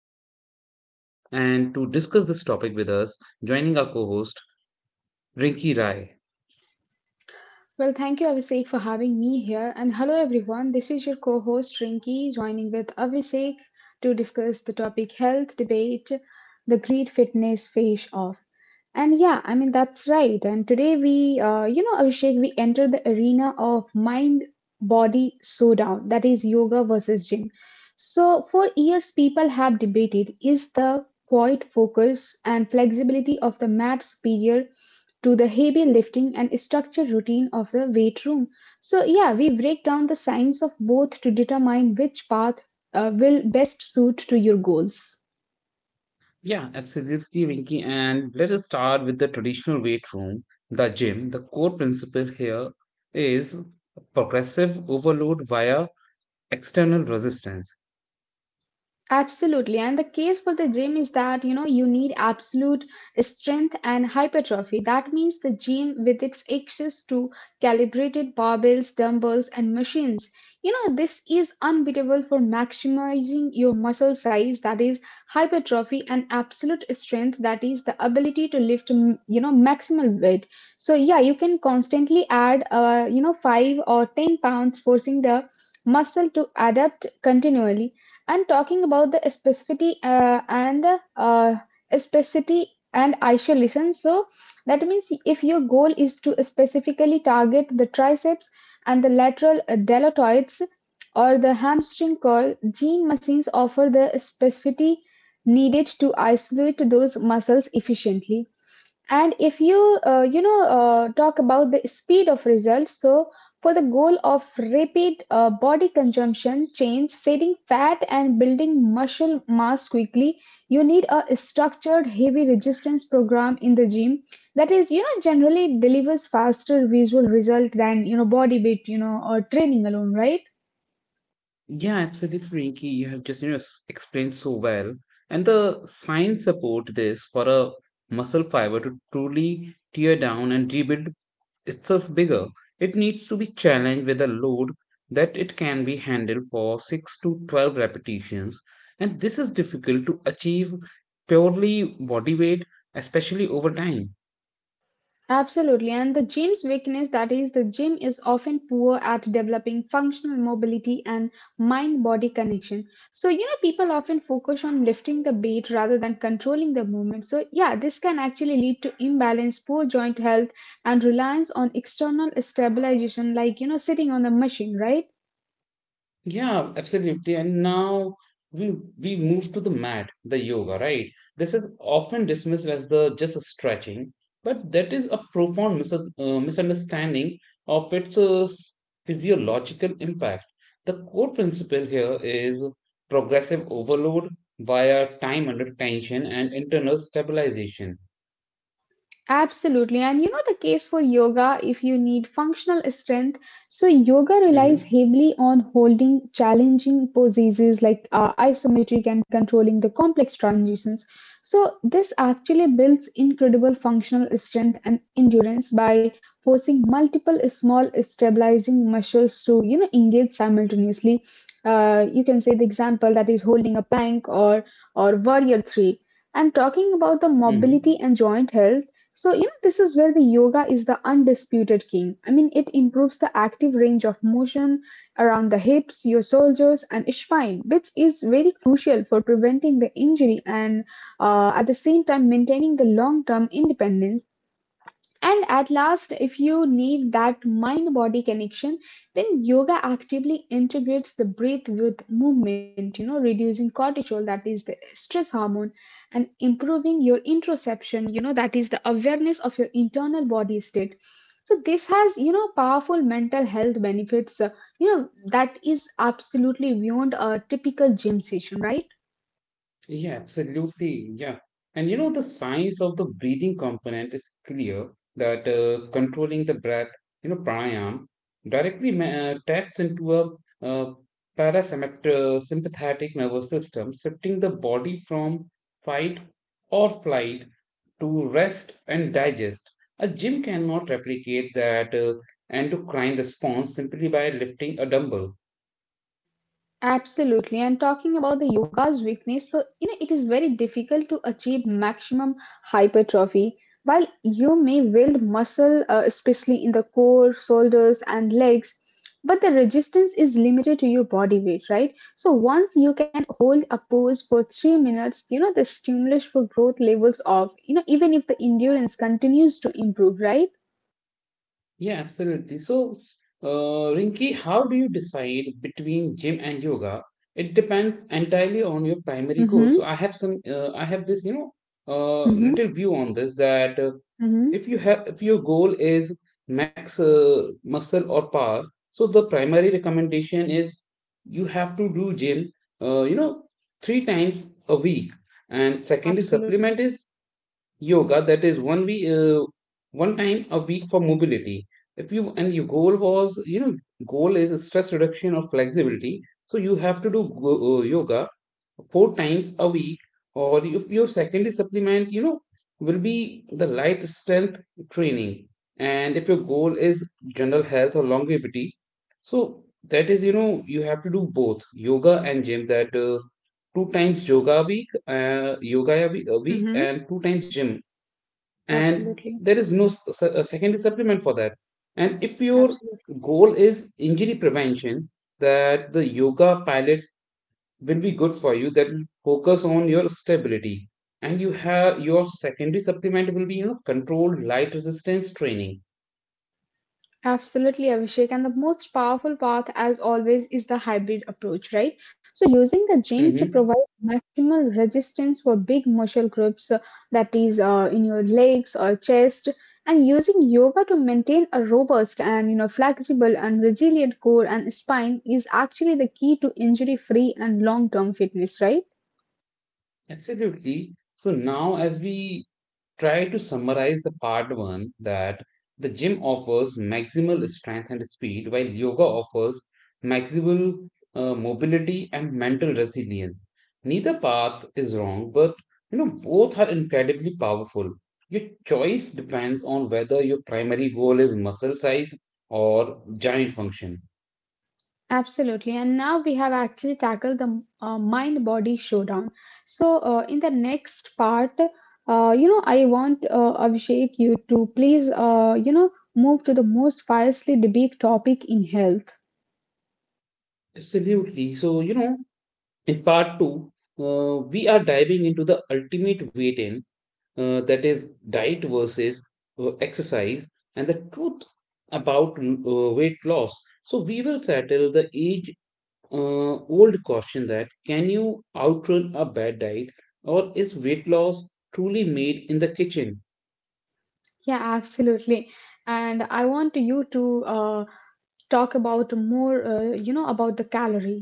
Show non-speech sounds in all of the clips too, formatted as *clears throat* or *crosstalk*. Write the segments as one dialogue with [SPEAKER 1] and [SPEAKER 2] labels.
[SPEAKER 1] your host, Abhishek, and to discuss this topic with us, joining our co host, Rinki Rai.
[SPEAKER 2] Well, thank you, Abhishek, for having me here. And hello, everyone. This is your co host, Rinki, joining with Abhishek to discuss the topic health debate, the great fitness face off. And, that's right. And today we, Abhishek, we enter the arena of mind body showdown, that is, yoga versus gym. So, for years, people have debated: is the quiet focus and flexibility of the mat superior to the heavy lifting and structure routine of the weight room? So, yeah, we break down the science of both to determine which path will best suit to your goals.
[SPEAKER 1] Yeah, absolutely, Rinky. And let us start with the traditional weight room, the gym. The core principle here is progressive overload via external resistance.
[SPEAKER 2] Absolutely. And the case for the gym is that, you know, you need absolute strength and hypertrophy. That means the gym with its access to calibrated barbells, dumbbells, and machines. You know, this is unbeatable for maximizing your muscle size, that is hypertrophy, and absolute strength, that is the ability to lift, you know, maximal weight. So, yeah, you can constantly add, five or 10 pounds, forcing the muscle to adapt continually, and talking about the specificity uh, specificity and isolation. So that means if your goal is to specifically target the triceps and the lateral deltoids or the hamstring curl, gene machines offer the specificity needed to isolate those muscles efficiently. And if you, talk about the speed of results, so for the goal of rapid body consumption change, setting fat and building muscle mass quickly, you need a structured heavy resistance program in the gym that is, you know, generally delivers faster visual result than, you know, body weight, you know, or training alone, right?
[SPEAKER 1] Yeah, absolutely, Rinky. You have just explained so well, and the science support this for a muscle fiber to truly tear down and rebuild itself bigger. It needs to be challenged with a load that it can be handled for 6 to 12 repetitions, and this is difficult to achieve purely body weight, especially over time.
[SPEAKER 2] Absolutely, and the gym's weakness, that is, the gym is often poor at developing functional mobility and mind body connection. So, you know, people often focus on lifting the weight rather than controlling the movement. So, yeah, this can actually lead to imbalance, poor joint health, and reliance on external stabilization, like, you know, sitting on the machine, right?
[SPEAKER 1] Yeah, absolutely. And now we we move to the mat, the yoga, right? This is often dismissed as the just a stretching, but that is a profound misunderstanding of its physiological impact. The core principle here is progressive overload via time under tension and internal stabilization.
[SPEAKER 2] Absolutely. And you know the case for yoga if you need functional strength. So, yoga
[SPEAKER 1] hmm
[SPEAKER 2] relies heavily on holding challenging poses like isometric and controlling the complex transitions. So, this actually builds incredible functional strength and endurance by forcing multiple small stabilizing muscles to, you know, engage simultaneously. You can say the example that is holding a plank or warrior three. And talking about the mobility
[SPEAKER 1] hmm
[SPEAKER 2] and joint health, so, you know, this is where the yoga is the undisputed king. I mean, it improves the active range of motion around the hips, your shoulders, and spine, which is very crucial for preventing the injury and at the same time maintaining the long term independence. And at last, if you need that mind body connection, then yoga actively integrates the breath with movement, you know, reducing cortisol, that is the stress hormone, and improving your interoception, you know, that is the awareness of your internal body state. So, this has, you know, powerful mental health benefits, you know, that is absolutely beyond a typical gym session, right?
[SPEAKER 1] Yeah, absolutely. Yeah. And you know, the science of the breathing component is clear that controlling the breath, you know, pranayam directly taps into a uh, parasympathetic nervous system, shifting the body from fight or flight to rest and digest. A gym cannot replicate that endocrine response simply by lifting a dumbbell.
[SPEAKER 2] Absolutely. And talking about the yoga's weakness, so you know it is very difficult to achieve maximum hypertrophy. While you may build muscle, especially in the core, shoulders, and legs, but the resistance is limited to your body weight, right? So once you can hold a pose for 3 minutes, you know the stimulus for growth levels off. You know even if the endurance continues to improve, right?
[SPEAKER 1] Yeah, absolutely. So, Rinki, how do you decide between gym and yoga? It depends entirely on your primary goal. So
[SPEAKER 2] Mm-hmm.
[SPEAKER 1] I have some, I have this, you know,
[SPEAKER 2] Mm-hmm.
[SPEAKER 1] little view on this that
[SPEAKER 2] Mm-hmm.
[SPEAKER 1] if you have, if your goal is max muscle or power, so the primary recommendation is you have to do gym, you know, 3 times a week. And secondary
[SPEAKER 2] Absolutely.
[SPEAKER 1] supplement is yoga, that is one time a week for mobility. If you and your goal was you know goal is stress reduction or flexibility, so you have to do yoga 4 times a week, or if your secondary supplement you know will be the light strength training. And if your goal is general health or longevity, so that is you know you have to do both yoga and gym, that 2 times yoga a week,
[SPEAKER 2] Mm-hmm.
[SPEAKER 1] and 2 times gym, and
[SPEAKER 2] Absolutely.
[SPEAKER 1] there is no secondary supplement for that. And if your
[SPEAKER 2] Absolutely.
[SPEAKER 1] goal is injury prevention, that the yoga pilates will be good for you, that focus on your stability, and you have your secondary supplement will be you know controlled light resistance training.
[SPEAKER 2] Absolutely, Abhishek. And the most powerful path, as always, is the hybrid approach, right? So, using the gym to
[SPEAKER 1] hmm
[SPEAKER 2] provide maximal resistance for big muscle groups, that is, in your legs or chest, and using yoga to maintain a robust and you know flexible and resilient core and spine is actually the key to injury-free and long-term fitness, right?
[SPEAKER 1] Absolutely. So now as we try to summarize the part one, that the gym offers maximal strength and speed, while yoga offers maximal mobility and mental resilience. Neither path is wrong, but you know both are incredibly powerful. Your choice depends on whether your primary goal is muscle size or giant function.
[SPEAKER 2] Absolutely. And now we have actually tackled the mind body showdown. So, in the next part, you know, I want Abhishek you to please, you know, move to the most fiercely debated topic in health.
[SPEAKER 1] Absolutely. So you know, in part two, we are diving into the ultimate weight in that is diet versus exercise and the truth about weight loss. So we will settle the age uh, old question, that can you outrun a bad diet, or is weight loss truly made in the kitchen?
[SPEAKER 2] Yeah, absolutely. And I want you to talk about more, you know, about the calories.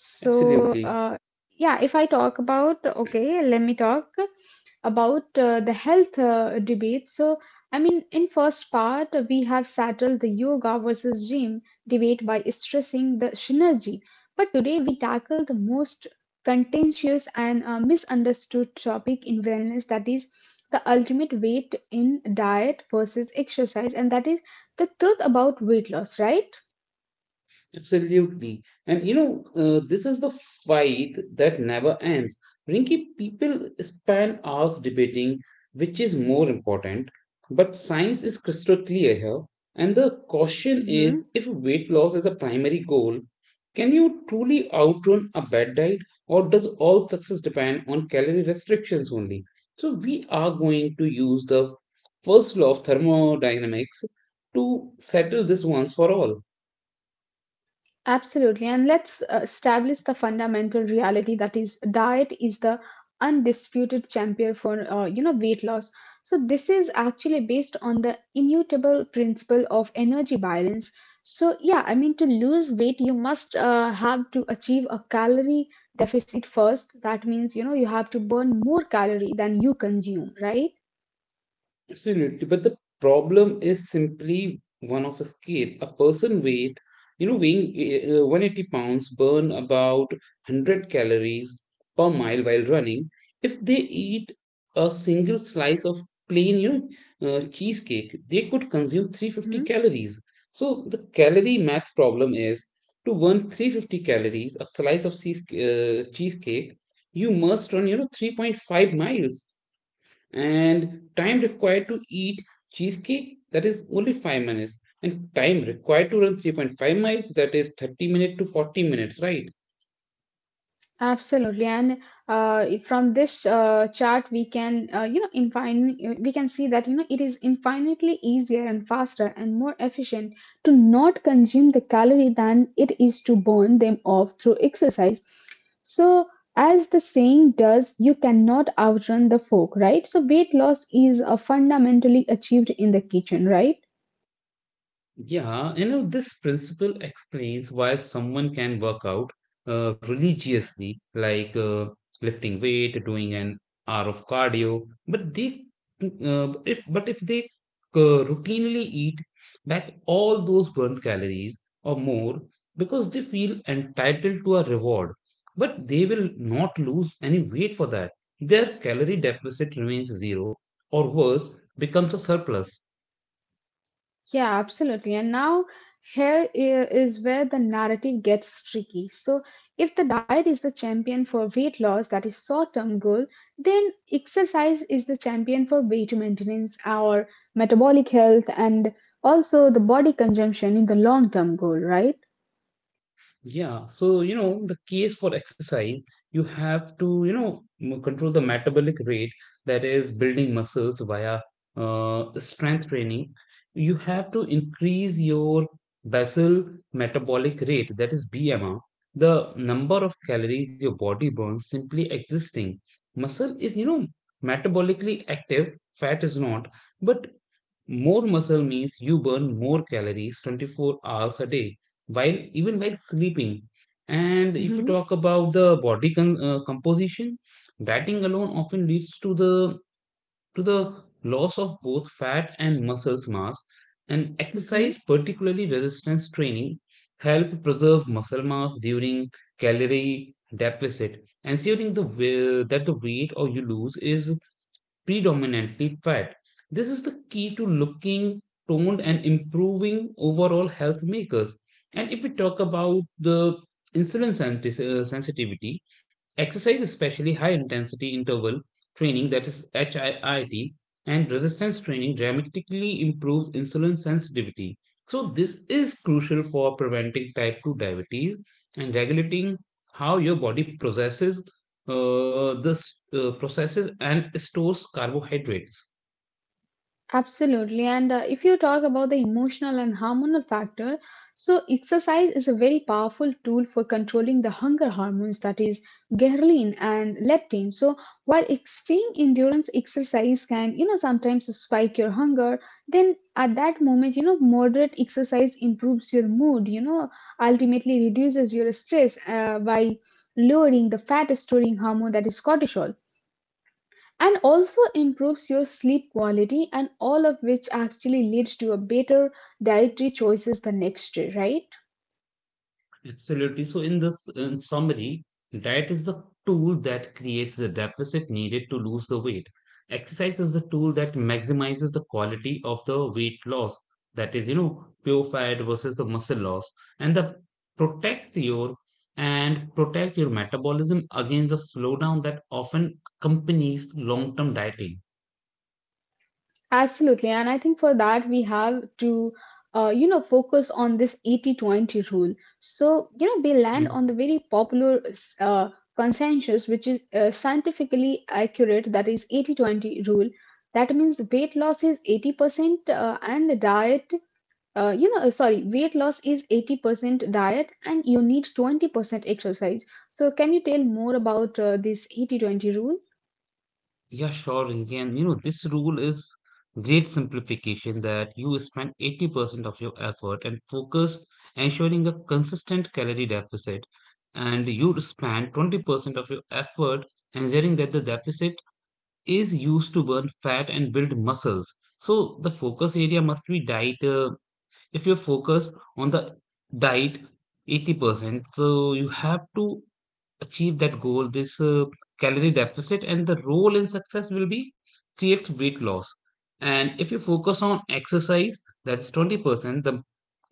[SPEAKER 2] So,
[SPEAKER 1] Absolutely.
[SPEAKER 2] yeah, if I talk about, okay, let me talk about the health debate. So, I mean, in first part, we have settled the yoga versus gym debate by stressing the synergy. But today we tackle the most contentious and misunderstood topic in wellness, that is the ultimate weight in diet versus exercise, and that is the truth about weight loss, right?
[SPEAKER 1] Absolutely. And you know, this is the fight that never ends. Rinky, people spend hours debating which is more important, but science is crystal clear here. And the question is, if weight loss is a primary goal, can you truly outrun a bad diet, or does all success depend on calorie restrictions only? So we are going to use the first law of thermodynamics to settle this once for all.
[SPEAKER 2] Absolutely. And let's establish the fundamental reality that is diet is the undisputed champion for you know weight loss. So this is actually based on the immutable principle of energy balance. So yeah, I mean to lose weight you must have to achieve a calorie deficit first. That means you know you have to burn more calorie than you consume, right?
[SPEAKER 1] Absolutely, but the problem is simply one of a scale. A person weight, you know, weighing 180 pounds burn about 100 calories per mile while running. If they eat a single slice of plain, you know, cheesecake, they could consume 350 calories. So the calorie math problem is, to burn 350 calories, a slice of cheesecake, you must run, you know, 3.5 miles, and time required to eat cheesecake that is only 5 minutes, and time required to run 3.5 miles that is 30 minutes to 40 minutes, right?
[SPEAKER 2] Absolutely, and from this chart we can, we can see that you know it is infinitely easier and faster and more efficient to not consume the calorie than it is to burn them off through exercise. So, as the saying does, you cannot outrun the fork, right? So, weight loss is fundamentally achieved in the kitchen, right?
[SPEAKER 1] Yeah, you know, this principle explains why someone can work out religiously, like lifting weight, doing an hour of cardio, but they but if they routinely eat back all those burnt calories or more because they feel entitled to a reward, but they will not lose any weight for that. Their calorie deficit remains zero, or worse, becomes a surplus.
[SPEAKER 2] Yeah, absolutely. And now is where the narrative gets tricky. So, if the diet is the champion for weight loss, that is short-term goal, then exercise is the champion for weight maintenance or metabolic health and also the body consumption in the long-term goal, right?
[SPEAKER 1] Yeah, so you know, the case for exercise, you have to, you know, control the metabolic rate, that is building muscles via strength training. You have to increase your basal metabolic rate, that is BMR, the number of calories your body burns simply existing. Muscle is, you know, metabolically active, fat is not, but more muscle means you burn more calories 24 hours a day, while even while sleeping. And if you
[SPEAKER 2] Mm-hmm.
[SPEAKER 1] talk about the composition, dieting alone often leads to the loss of both fat and muscles mass. And exercise, particularly resistance training, help preserve muscle mass during calorie deficit, ensuring that the weight or you lose is predominantly fat. This is the key to looking toned and improving overall health makers. And if we talk about the insulin sensitivity, exercise, especially high intensity interval training, that is HIIT, and resistance training dramatically improves insulin sensitivity. So this is crucial for preventing type 2 diabetes and regulating how your body processes and stores carbohydrates.
[SPEAKER 2] Absolutely. And if you talk about the emotional and hormonal factor, so exercise is a very powerful tool for controlling the hunger hormones, that is, ghrelin and leptin. So while extreme endurance exercise can, you know, sometimes spike your hunger, then at that moment, you know, moderate exercise improves your mood, you know, ultimately reduces your stress by lowering the fat storing hormone that is cortisol and also improves your sleep quality, and all of which actually leads to a better dietary choices the next day, right?
[SPEAKER 1] Absolutely. So, in summary, diet is the tool that creates the deficit needed to lose the weight. Exercise is the tool that maximizes the quality of the weight loss. That is, you know, pure fat versus the muscle loss, and the protect your and protect your metabolism against the slowdown that often accompanies long-term dieting.
[SPEAKER 2] Absolutely. And I think for that, we have to, you know, focus on this 80-20 rule. So, you know, we land
[SPEAKER 1] Hmm.
[SPEAKER 2] on the very popular uh, consensus, which is scientifically accurate, that is 80-20 rule. That means weight loss is 80% and the diet you know, sorry, weight loss is 80% diet and you need 20% exercise. So, can you tell more about this 80-20 rule?
[SPEAKER 1] Yeah, sure, Rinki. And you know, this rule is great simplification, that you spend 80% of your effort and focus ensuring a consistent calorie deficit, and you spend 20% of your effort ensuring that the deficit is used to burn fat and build muscles. So the focus area must be diet. If you focus on the diet 80%, so you have to achieve that goal, this calorie deficit, and the role in success will be creates weight loss. And if you focus on exercise, that's 20%, the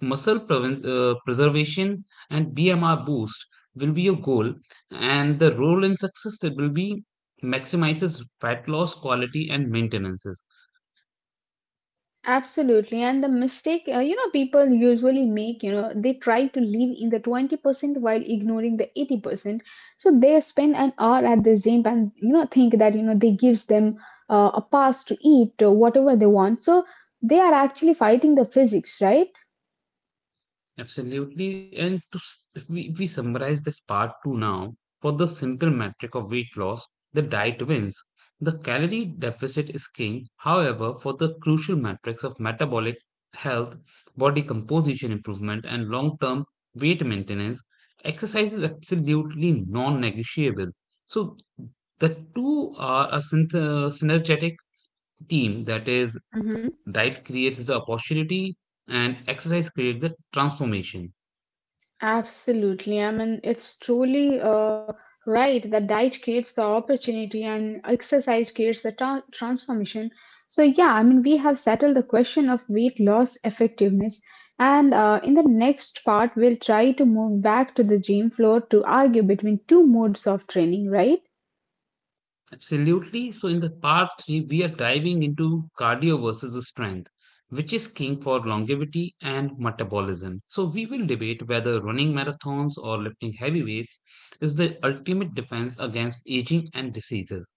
[SPEAKER 1] preservation and BMR boost will be your goal. And the role in success that will be maximizes fat loss, quality, and maintenances.
[SPEAKER 2] Absolutely. And the mistake, you know, people usually make, you know, they try to live in the 20% while ignoring the 80%. So, they spend an hour at the gym and, you know, think that, you know, they gives them a pass to eat whatever they want. So, they are actually fighting the physics, right?
[SPEAKER 1] Absolutely. And to, if we summarize this part two now, for the simple metric of weight loss, the diet wins. The calorie deficit is king. However, for the crucial metrics of metabolic health, body composition improvement, and long term weight maintenance, exercise is absolutely non negotiable. So the two are a synergetic team, that is, diet creates the opportunity and exercise creates the transformation.
[SPEAKER 2] Absolutely. I mean, it's truly right that diet creates the opportunity and exercise creates the transformation. So, yeah, I mean, we have settled the question of weight loss effectiveness. And in the next part, we'll try to move back to the gym floor to argue between two modes of training, right?
[SPEAKER 1] Absolutely. So, in the part three, we are diving into cardio versus strength, which is king for longevity and metabolism. So we will debate whether running marathons or lifting heavy weights is the ultimate defense against aging and diseases.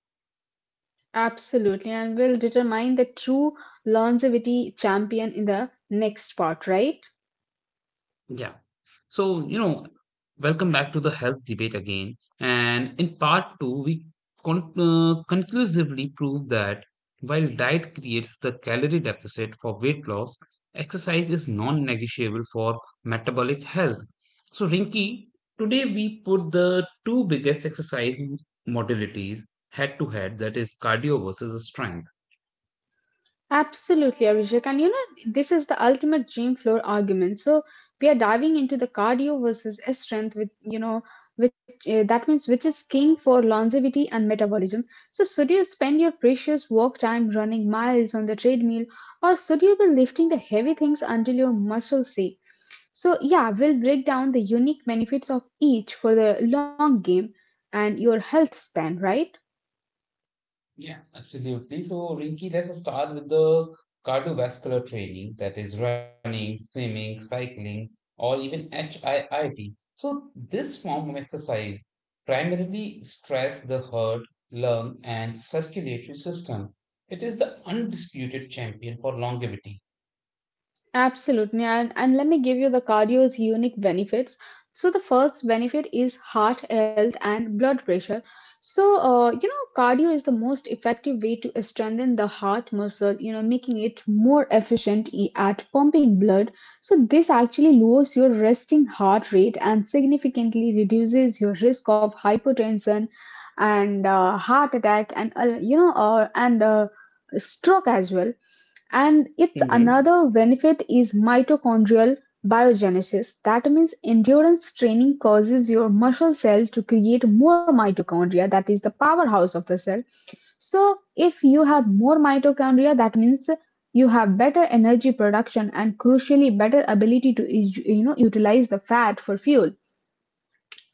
[SPEAKER 2] Absolutely. And we'll determine the true longevity champion in the next part, right?
[SPEAKER 1] Yeah. So, you know, welcome back to the health debate again. And in part two, we conclusively prove that while diet creates the calorie deficit for weight loss, exercise is non negotiable for metabolic health. So, Rinki, today we put the two biggest exercise modalities head to head, that is, cardio versus strength.
[SPEAKER 2] Absolutely, Abhishek. And you know, this is the ultimate gym floor argument. So we are diving into the cardio versus strength with, you know, which that means which is king for longevity and metabolism. So should you spend your precious work time running miles on the treadmill, or should you be lifting the heavy things until your muscles ache? So yeah, we'll break down the unique benefits of each for the long game and your health span, right?
[SPEAKER 1] Yeah, absolutely. So, Rinki, let's start with the cardiovascular training, that is running, swimming, cycling, or even HIIT. So this form of exercise primarily stress the heart, lung, and circulatory system. It is the undisputed champion for longevity.
[SPEAKER 2] Absolutely. And let me give you the cardio's unique benefits. So, the first benefit is heart health and blood pressure. So, you know, cardio is the most effective way to strengthen the heart muscle, you know, making it more efficient at pumping blood. So, this actually lowers your resting heart rate and significantly reduces your risk of hypertension and heart attack, and, stroke as well. And its
[SPEAKER 1] Mm-hmm.
[SPEAKER 2] another benefit is mitochondrial biogenesis. That means endurance training causes your muscle cell to create more mitochondria, that is the powerhouse of the cell. So, if you have more mitochondria, that means you have better energy production and crucially better ability to you know utilize the fat for fuel.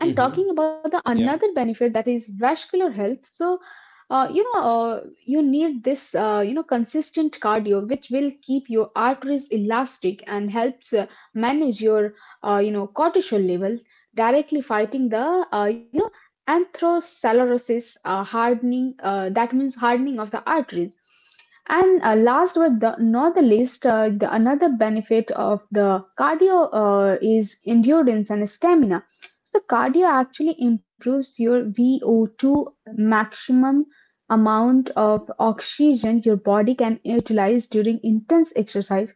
[SPEAKER 2] And talking about the
[SPEAKER 1] Yeah.
[SPEAKER 2] another benefit that is vascular health. So, uh, you know, uh, you need this, consistent cardio, which will keep your arteries elastic and helps manage your, cortisol level, directly fighting the, atherosclerosis, hardening. That means hardening of the arteries. And last but not the least, another benefit of the cardio is endurance and stamina. Cardio actually improves your VO2 maximum amount of oxygen your body can utilize during intense exercise.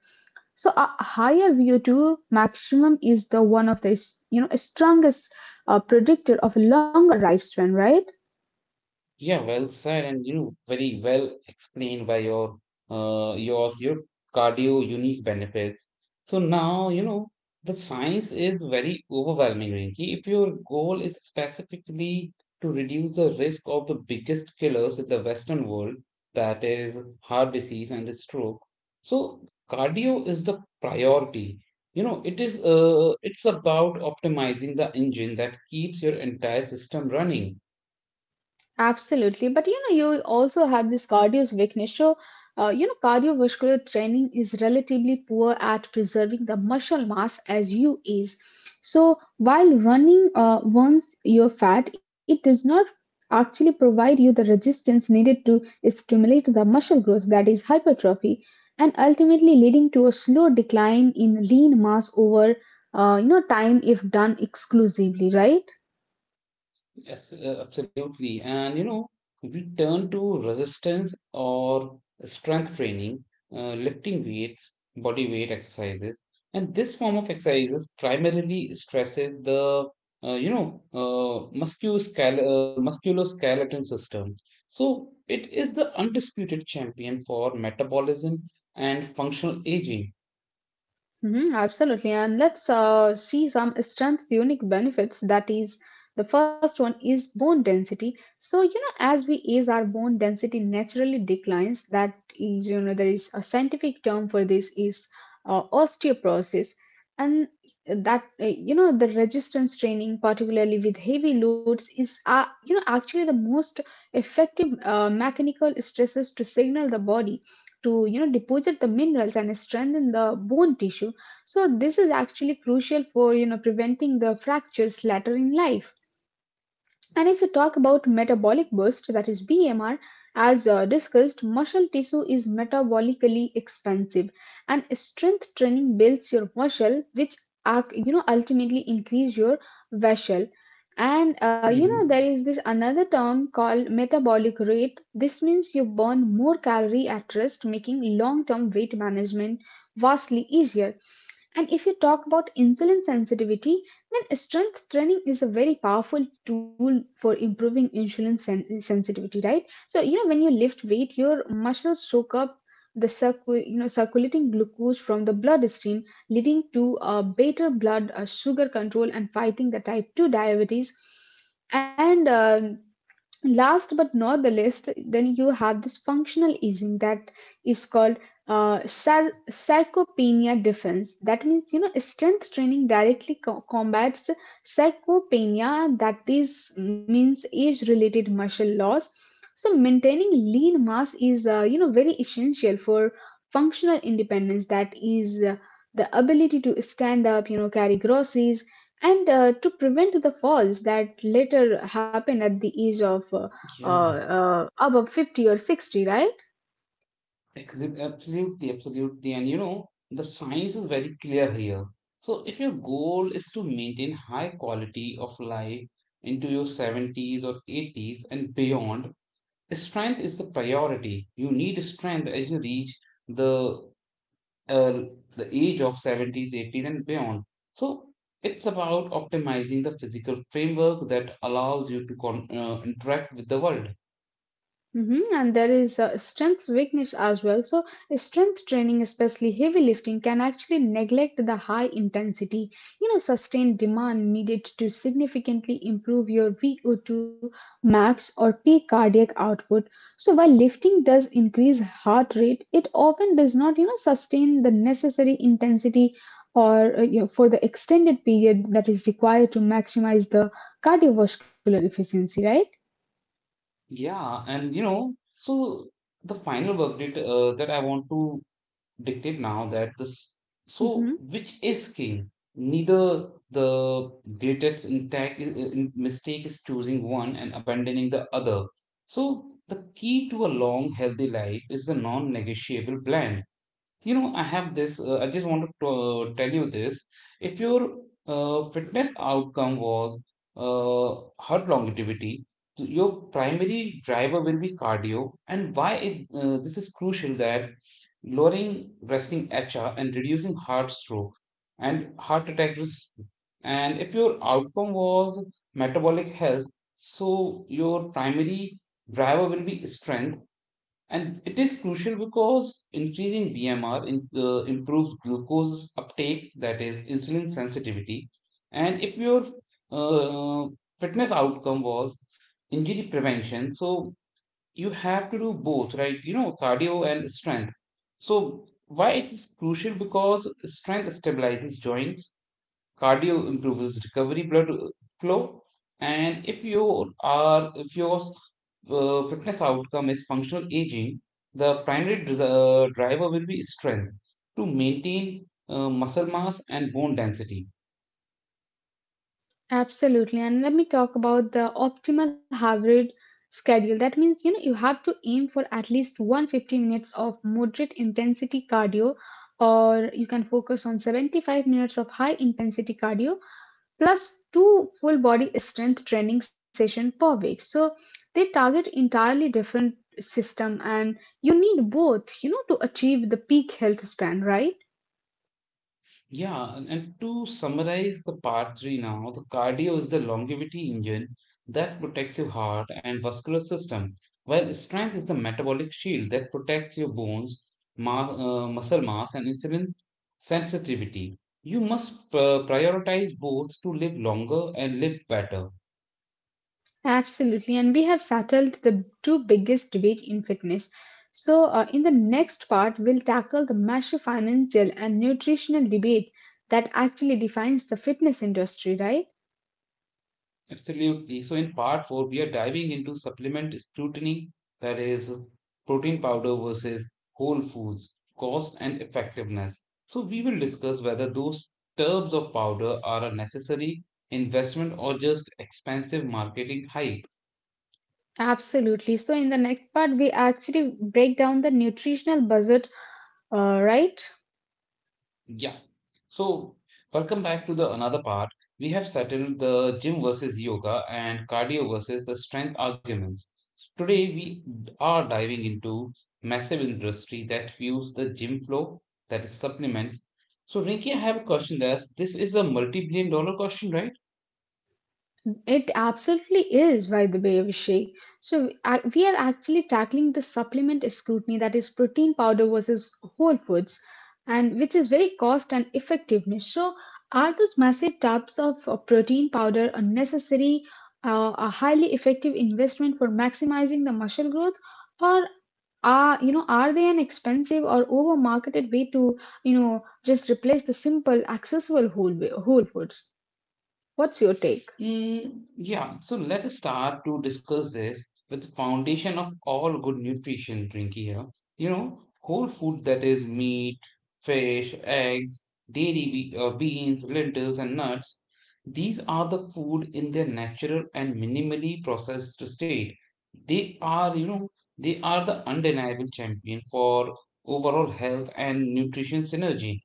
[SPEAKER 2] So a higher VO2 maximum is the one of the strongest predictor of a longer lifespan, right?
[SPEAKER 1] Yeah, well said, and you know, very well explained by your your cardio unique benefits. So now, you know, the science is very overwhelming, Rinki. If your goal is specifically to reduce the risk of the biggest killers in the Western world, that is heart disease and stroke, so cardio is the priority. You know, it's about optimizing the engine that keeps your entire system running.
[SPEAKER 2] Absolutely, but you know, you also have this cardio's weakness. So, cardiovascular training is relatively poor at preserving the muscle mass as you age. So, while running burns your fat, it does not actually provide you the resistance needed to stimulate the muscle growth, that is hypertrophy, and ultimately leading to a slow decline in lean mass over, time if done exclusively, right?
[SPEAKER 1] Yes, absolutely. And you know, we turn to resistance or strength training, lifting weights, body weight exercises, and this form of exercises primarily stresses the you know musculoscal musculoskeleton system. So it is the undisputed champion for metabolism and functional aging.
[SPEAKER 2] Mhm, absolutely. And let's see some strengths, unique benefits. That is, the first one is bone density. So, you know, as we age, our bone density naturally declines. That is, you know, there is a scientific term for this is osteoporosis. And that, the resistance training, particularly with heavy loads, is, actually the most effective mechanical stresses to signal the body to, you know, deposit the minerals and strengthen the bone tissue. So this is actually crucial for you know preventing the fractures later in life. And if you talk about metabolic burst, that is BMR, as discussed, muscle tissue is metabolically expansive, and strength training builds your muscle, which are, you know ultimately increase your vessel. And you know
[SPEAKER 1] hmm
[SPEAKER 2] there is this another term called metabolic rate. This means you burn more calorie at rest, making long-term weight management vastly easier. And if you talk about insulin sensitivity, then strength training is a very powerful tool for improving sensitivity, right? So you know when you lift weight, your muscles soak up you know circulating glucose from the bloodstream, leading to a better blood sugar control and fighting the type two diabetes. And last but not the least, then you have this functional aging that is called psychopenia defense. That means you know strength training directly combats psychopenia that is means age related muscle loss. So maintaining lean mass is very essential for functional independence that is the ability to stand up, you know, carry groceries and to prevent the falls that later happen at the age of
[SPEAKER 1] Yeah.
[SPEAKER 2] above 50 or 60, right?
[SPEAKER 1] Absolutely, absolutely. And you know, the science is very clear here. So, if your goal is to maintain high quality of life into your 70s or 80s and beyond, strength is the priority. You need strength as you reach the uh, the age of 70s, 80s, and beyond. So, it's about optimizing the physical framework that allows you to interact with the world.
[SPEAKER 2] Hmm. And there is strength weakness as well. So, strength training, especially heavy lifting, can actually neglect the high intensity, you know, sustained demand needed to significantly improve your VO2 max or peak cardiac output. So, while lifting does increase heart rate, it often does not, you know, sustain the necessary intensity or for the extended period that is required to maximize the cardiovascular efficiency, right?
[SPEAKER 1] Yeah, and so the final verb that I want to dictate now that this so which is king? Neither the greatest intact mistake is choosing one and abandoning the other. So the key to a long, healthy life is the non-negotiable blend. I have I just wanted to tell you this. If your fitness outcome was heart longevity, so your primary driver will be cardio. And why this is crucial that lowering resting HR and reducing heart stroke and heart attack risk. And if your outcome was metabolic health, so your primary driver will be strength and it is crucial because increasing BMR improves glucose uptake, that is insulin sensitivity. And if your uh, fitness outcome was injury prevention, so you have to do both, right? Cardio and strength. So why it is crucial: because strength stabilizes joints, cardio improves recovery blood flow. And if you are if your fitness outcome is functional aging, the primary driver will be strength to maintain muscle mass and bone density.
[SPEAKER 2] Absolutely. And let me talk about the optimal hybrid schedule. That means, you know, you have to aim for at least 150 minutes of moderate intensity cardio, or you can focus on 75 minutes of high intensity cardio plus two full body strength training session per week. So they target entirely different system and you need both, you know, to achieve the peak health span, right?
[SPEAKER 1] Yeah, and to summarize the part three now, the cardio is the longevity engine that protects your heart and vascular system, while strength is the metabolic shield that protects your bones, ma muscle mass, and insulin sensitivity. You must prioritize both to live longer and live better.
[SPEAKER 2] Absolutely, and we have settled the two biggest debate in fitness. So, in the next part, we'll tackle the massive financial and nutritional debate that actually defines the fitness industry, right?
[SPEAKER 1] Absolutely. So, in part four, we are diving into supplement scrutiny, that is, protein powder versus whole foods, cost and effectiveness. So, we will discuss whether those tubs of powder are a necessary investment or just expensive marketing hype.
[SPEAKER 2] Absolutely. So, in the next part, we actually break down the nutritional budget, right?
[SPEAKER 1] Yeah. So, welcome back to the another part. We have settled the gym versus yoga and cardio versus the strength arguments. Today we are diving into massive industry that fuels the gym flow, that is supplements. So, Rinki, I have a question that's this is a multi-billion dollar question, right?
[SPEAKER 2] It absolutely is, by the way, Vishay. So we are actually tackling the supplement scrutiny that is protein powder versus whole foods, and which is very cost and effectiveness. So are those massive tubs of protein powder a necessary, a highly effective investment for maximizing the muscle growth, or are you know are they an expensive or over marketed way to you know just replace the simple, accessible whole foods? What's your take?
[SPEAKER 1] Mm, yeah, so let us start to discuss this with the foundation of all good nutrition drink here. Whole food, that is meat, fish, eggs, dairy, beans, lentils, and nuts. These are the food in their natural and minimally processed state. They are, you know, they are the undeniable champion for overall health and nutrition synergy.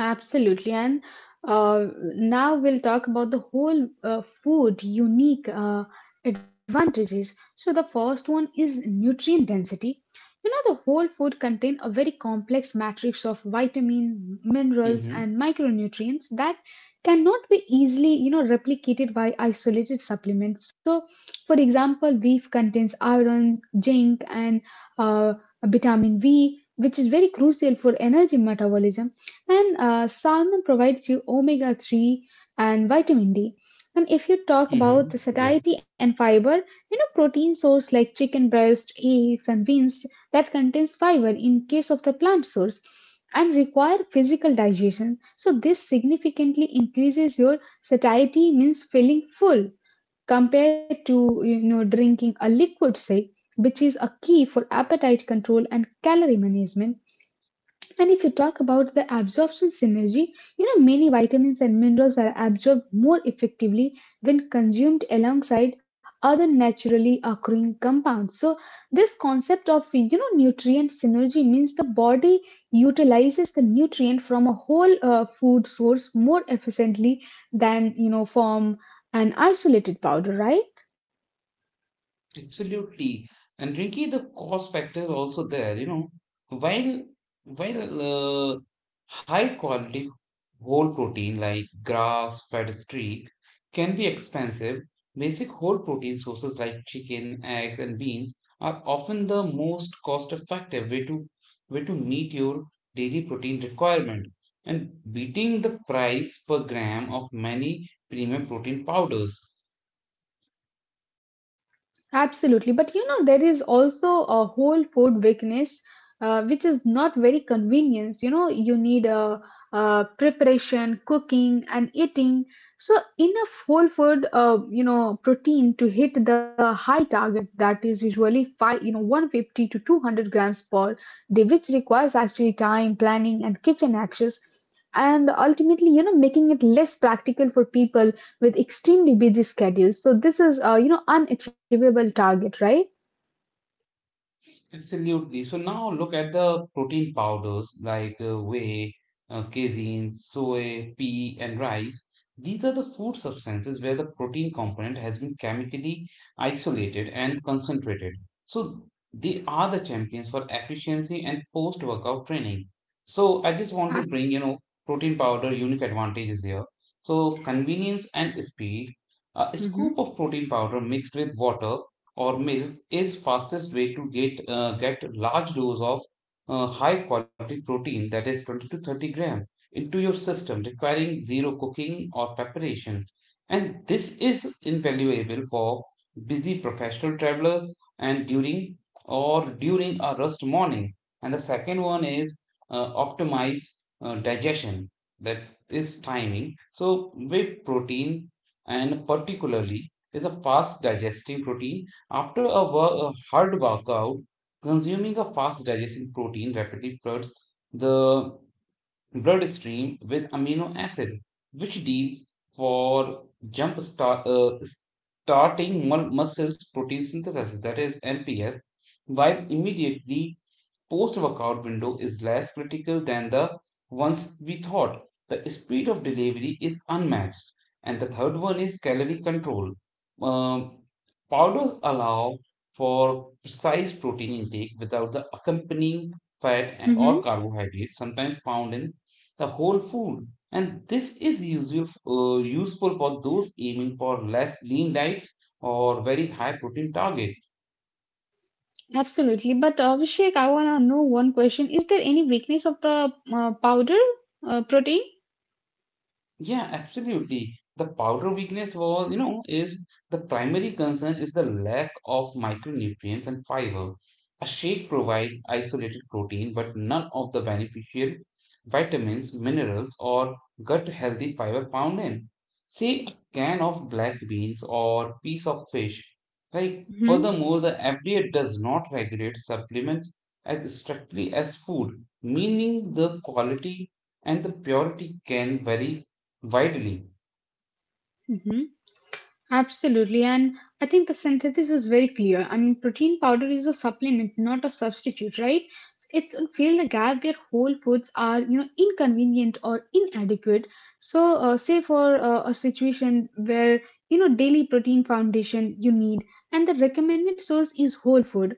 [SPEAKER 2] Absolutely. And uh, now we'll talk about the whole food unique advantages. So the first one is nutrient density. You know, the whole food contain a very complex matrix of vitamin, minerals,
[SPEAKER 1] Mm-hmm,
[SPEAKER 2] and micronutrients that cannot be easily, you know, replicated by isolated supplements. So, for example, beef contains iron, zinc, and uh, vitamin V, which is very crucial for energy metabolism and salmon provides you omega 3 and vitamin D. And if you talk about
[SPEAKER 1] mm-hmm,
[SPEAKER 2] the
[SPEAKER 1] yeah.
[SPEAKER 2] satiety and fiber, you know, protein source like chicken breast, eggs, and beans that contains fiber in case of the plant source and require physical digestion. So, this significantly increases your satiety, means feeling full compared to, you know, drinking a liquid, say, which is a key for appetite control and calorie management. And if you talk about the absorption synergy, you know many vitamins and minerals are absorbed more effectively when consumed alongside other naturally occurring compounds. So this concept of you know nutrient synergy means the body utilizes the nutrient from a whole food source more efficiently than you know from an isolated powder, right?
[SPEAKER 1] Absolutely. And Rinky, the cost factor is also there, while while uh, high quality whole protein like grass, fed streak can be expensive, basic whole protein sources like chicken, eggs, and beans are often the most cost effective way to meet your daily protein requirement. And beating the price per gram of many premium protein powders.
[SPEAKER 2] Absolutely, but you know there is also a whole food weakness, which is not very convenient. You know you need a, preparation, cooking, and eating. So enough whole food, protein to hit the high target that is usually five, you know, 150 to 200 grams per day, which requires actually time, planning, and kitchen access, and ultimately, you know, making it less practical for people with extremely busy schedules. So this is, unachievable target, right?
[SPEAKER 1] Absolutely. So now look at the protein powders like whey, casein, soy, pea, and rice. These are the food substances where the protein component has been chemically isolated and concentrated. So they are the champions for efficiency and post-workout training. So I just want
[SPEAKER 2] Ah,
[SPEAKER 1] to bring, protein powder unique advantages here. So, convenience and speed. A scoop
[SPEAKER 2] mm-hmm,
[SPEAKER 1] of protein powder mixed with water or milk is fastest way to get large dose of high quality protein, that is 20 to 30 gram into your system, requiring zero cooking or preparation, and this is invaluable for busy professional travelers and or during a rest morning. And the second one is optimize digestion, that is timing. So whey protein and particularly is a fast digesting protein. After a hard workout, consuming a fast digesting protein rapidly floods the bloodstream with amino acid, which deals for jump starting muscles protein synthesis, that is MPS, while immediately post workout window is less critical than the ones we thought. The speed of delivery is unmatched. And the third one is calorie control. Um, Powders allow for precise protein intake without the accompanying fat or
[SPEAKER 2] mm-hmm,
[SPEAKER 1] carbohydrates sometimes found in the whole food. And this is useful for those aiming for less lean diets or very high protein targets.
[SPEAKER 2] absolutely. But Abhishek, I wanna know one question. Is there any weakness of the powder protein?
[SPEAKER 1] Yeah, absolutely. The powder weakness is the primary concern is the lack of micronutrients and fiber. A shake provides isolated protein, but none of the beneficial vitamins, minerals, or gut healthy fiber found in. Say, a can of black beans or piece of fish. Like,
[SPEAKER 2] Mm-hmm.
[SPEAKER 1] furthermore, the FDA does not regulate supplements as strictly as food, meaning the quality and the purity can vary widely.
[SPEAKER 2] Mm-hmm. Absolutely, and I think the synthesis is very clear. I mean, protein powder is a supplement, not a substitute, right? So it's to fill the gap where whole foods are, you know, inconvenient or inadequate. So, say for a situation where you know daily protein foundation you need, and the recommended source is whole food,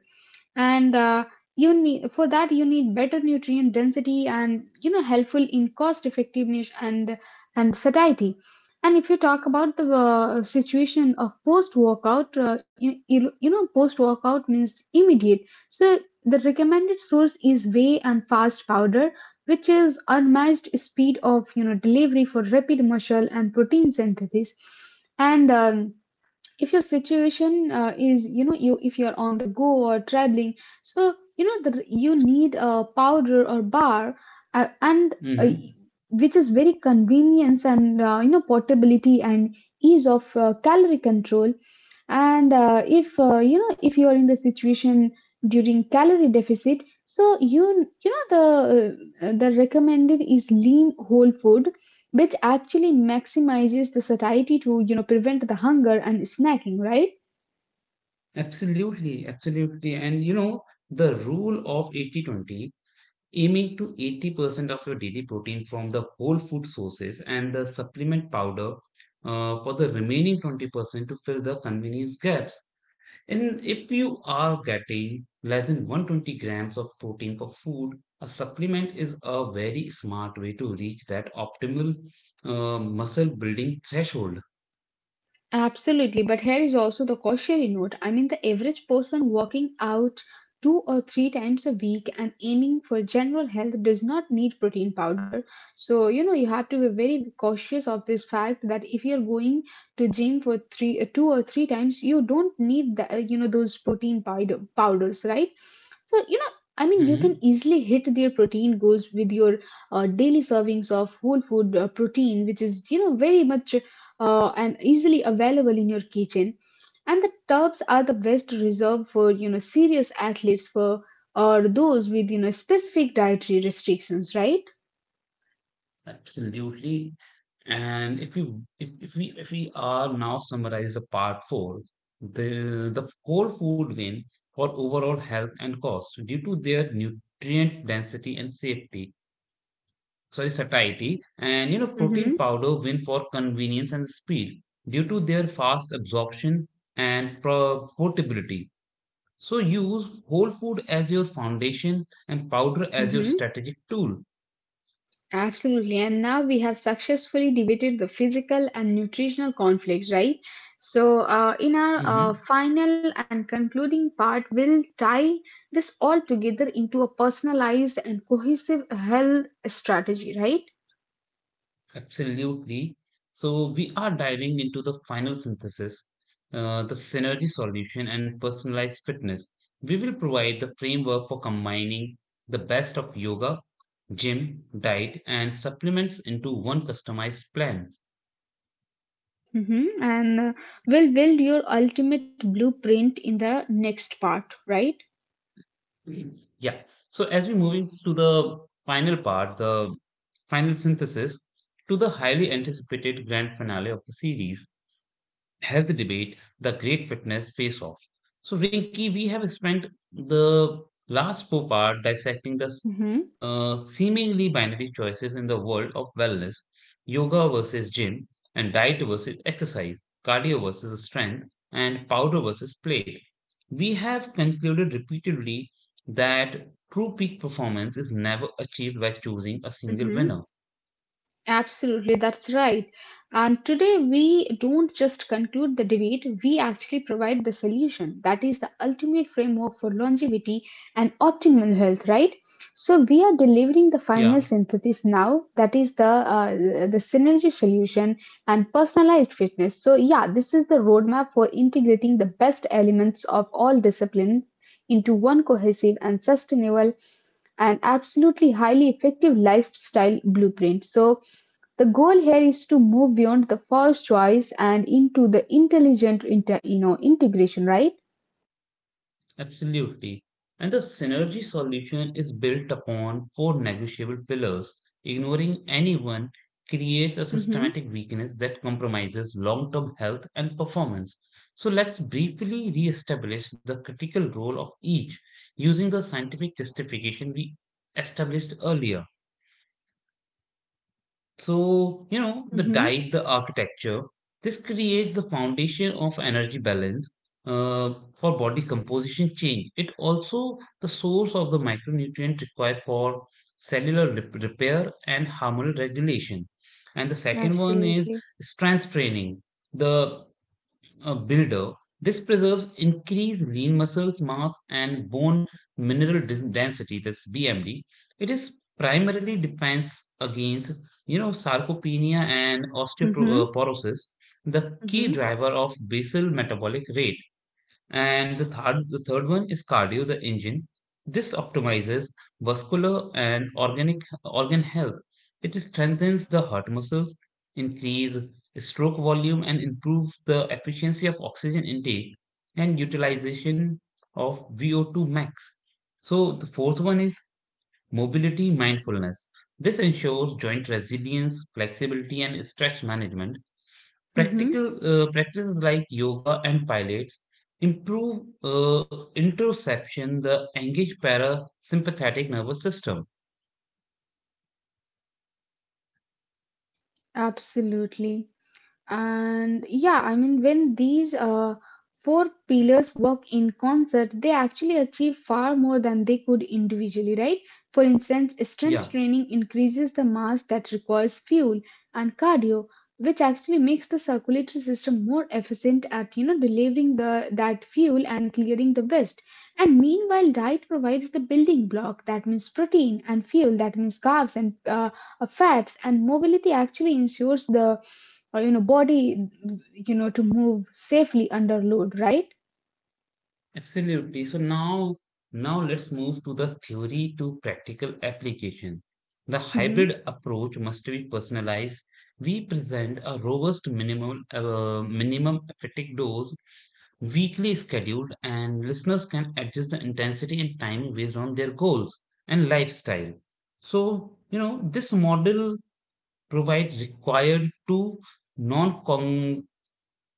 [SPEAKER 2] and you need for that you need better nutrient density and you know helpful in cost effectiveness and satiety. And if you talk about the situation of post workout, you know, post workout means immediate. So the recommended source is whey and fast powder, which is unmatched speed of you know delivery for rapid muscle and protein synthesis. And if your situation is you know you if you're on the go or traveling, so you know you need a powder or bar and
[SPEAKER 1] Mm-hmm.
[SPEAKER 2] which is very convenience and you know portability and ease of calorie control. And if you know if you are in the situation during calorie deficit, so you know the recommended is lean whole food which actually maximizes the satiety to you know prevent the hunger and snacking, right?
[SPEAKER 1] Absolutely, absolutely. And the rule of 80/20, aiming to 80% of your daily protein from the whole food sources, and the supplement powder for the remaining 20% to fill the convenience gaps. And if you are getting less than 120 grams of protein per food, a supplement is a very smart way to reach that optimal muscle building threshold.
[SPEAKER 2] Absolutely, but here is also the cautionary note. I mean, the average person working out two or three times a week and aiming for general health does not need protein powder. So, you know, you have to be very cautious of this fact that if you're going to gym for two or three times, you don't need the, those protein powder powders, right? So, you know, I mean, you can
[SPEAKER 1] Mhm.
[SPEAKER 2] easily hit their protein goals with your daily servings of whole food protein, which is, you know, very much and easily available in your kitchen. And the tubs are the best reserved for you know serious athletes for or those with you know specific dietary restrictions, right?
[SPEAKER 1] Absolutely. And if we are now summarize the part four, the whole food win for overall health and cost due to their nutrient density and safety, sorry, satiety, and protein
[SPEAKER 2] Mm-hmm.
[SPEAKER 1] powder win for convenience and speed due to their fast absorption and portability. So use whole food as your foundation and powder as your
[SPEAKER 2] Mm-hmm.
[SPEAKER 1] strategic tool.
[SPEAKER 2] Absolutely. And now we have successfully debated the physical and nutritional conflict, right? So in our
[SPEAKER 1] Mm-hmm.
[SPEAKER 2] final and concluding part, we'll tie this all together into a personalized and cohesive health strategy, right?
[SPEAKER 1] Absolutely. So we are diving into the final synthesis, the synergy solution and personalized fitness. We will provide the framework for combining the best of yoga, gym, diet, and supplements into one customized plan.
[SPEAKER 2] Mhm. And will build your ultimate blueprint in the next part, right?
[SPEAKER 1] Mhm. Yeah. So as we moving to the final part, the final synthesis, to the highly anticipated grand finale of the series. Health debate, the great fitness face off. So, Rinki, we have spent the last four-part dissecting the
[SPEAKER 2] Mm-hmm.
[SPEAKER 1] seemingly binary choices in the world of wellness, yoga versus gym, and diet versus exercise, cardio versus strength, and powder versus plate. We have concluded repeatedly that true peak performance is never achieved by choosing a single
[SPEAKER 2] Mm-hmm.
[SPEAKER 1] winner.
[SPEAKER 2] Absolutely, that's right. And today we don't just conclude the debate, we actually provide the solution. That is the ultimate framework for longevity and optimal health, right? So we are delivering the
[SPEAKER 1] Yeah.
[SPEAKER 2] final synthesis now. That is the synergy solution and personalized fitness. So yeah, this is the roadmap for integrating the best elements of all disciplines into one cohesive and sustainable and absolutely highly effective lifestyle blueprint. So the goal here is to move beyond the first choice and into the intelligent you know integration, right?
[SPEAKER 1] Absolutely. And the synergy solution is built upon four negotiable pillars. Ignoring anyone creates a
[SPEAKER 2] Mm-hmm.
[SPEAKER 1] systematic weakness that compromises long term health and performance. So let's briefly re establish the critical role of each using the scientific justification we established earlier. So, the
[SPEAKER 2] Mm-hmm.
[SPEAKER 1] diet, the architecture, this creates the foundation of energy balance for body composition change. It also the source of the micronutrient required for cellular repair and hormonal regulation. And the second one is
[SPEAKER 2] Absolutely.
[SPEAKER 1] strength training. The builder. This preserves increased lean muscles mass and bone mineral density, that's BMD. It is primarily defense against, sarcopenia and
[SPEAKER 2] Mm-hmm.
[SPEAKER 1] osteoporosis, the key
[SPEAKER 2] Mm-hmm.
[SPEAKER 1] driver of basal metabolic rate. And the third one is cardio, the engine. This optimizes vascular and organ health. It strengthens the heart muscles, increase stroke volume, and improve the efficiency of oxygen intake and utilization of VO2 max. So the fourth one is mobility mindfulness. This ensures joint resilience, flexibility, and stress management.
[SPEAKER 2] Mm-hmm.
[SPEAKER 1] Practical practices like yoga and pilates improve interoception, the engaged parasympathetic nervous system.
[SPEAKER 2] Absolutely. And yeah, I mean, when these four pillars work in concert, they actually achieve far more than they could individually, right? For instance, strength
[SPEAKER 1] Yeah.
[SPEAKER 2] training increases the mass that requires fuel and cardio, which actually makes the circulatory system more efficient at, delivering the that fuel and clearing the waste. And meanwhile, diet provides the building block. That means protein and fuel. That means carbs and fats. And mobility actually ensures the or body to move safely under load, right?
[SPEAKER 1] Absolutely. So now, let's move to the theory to practical application. The
[SPEAKER 2] Mm-hmm.
[SPEAKER 1] hybrid approach must be personalized. We present a robust minimum effective dose weekly scheduled, and listeners can adjust the intensity and time based on their goals and lifestyle. So, this model provides required two non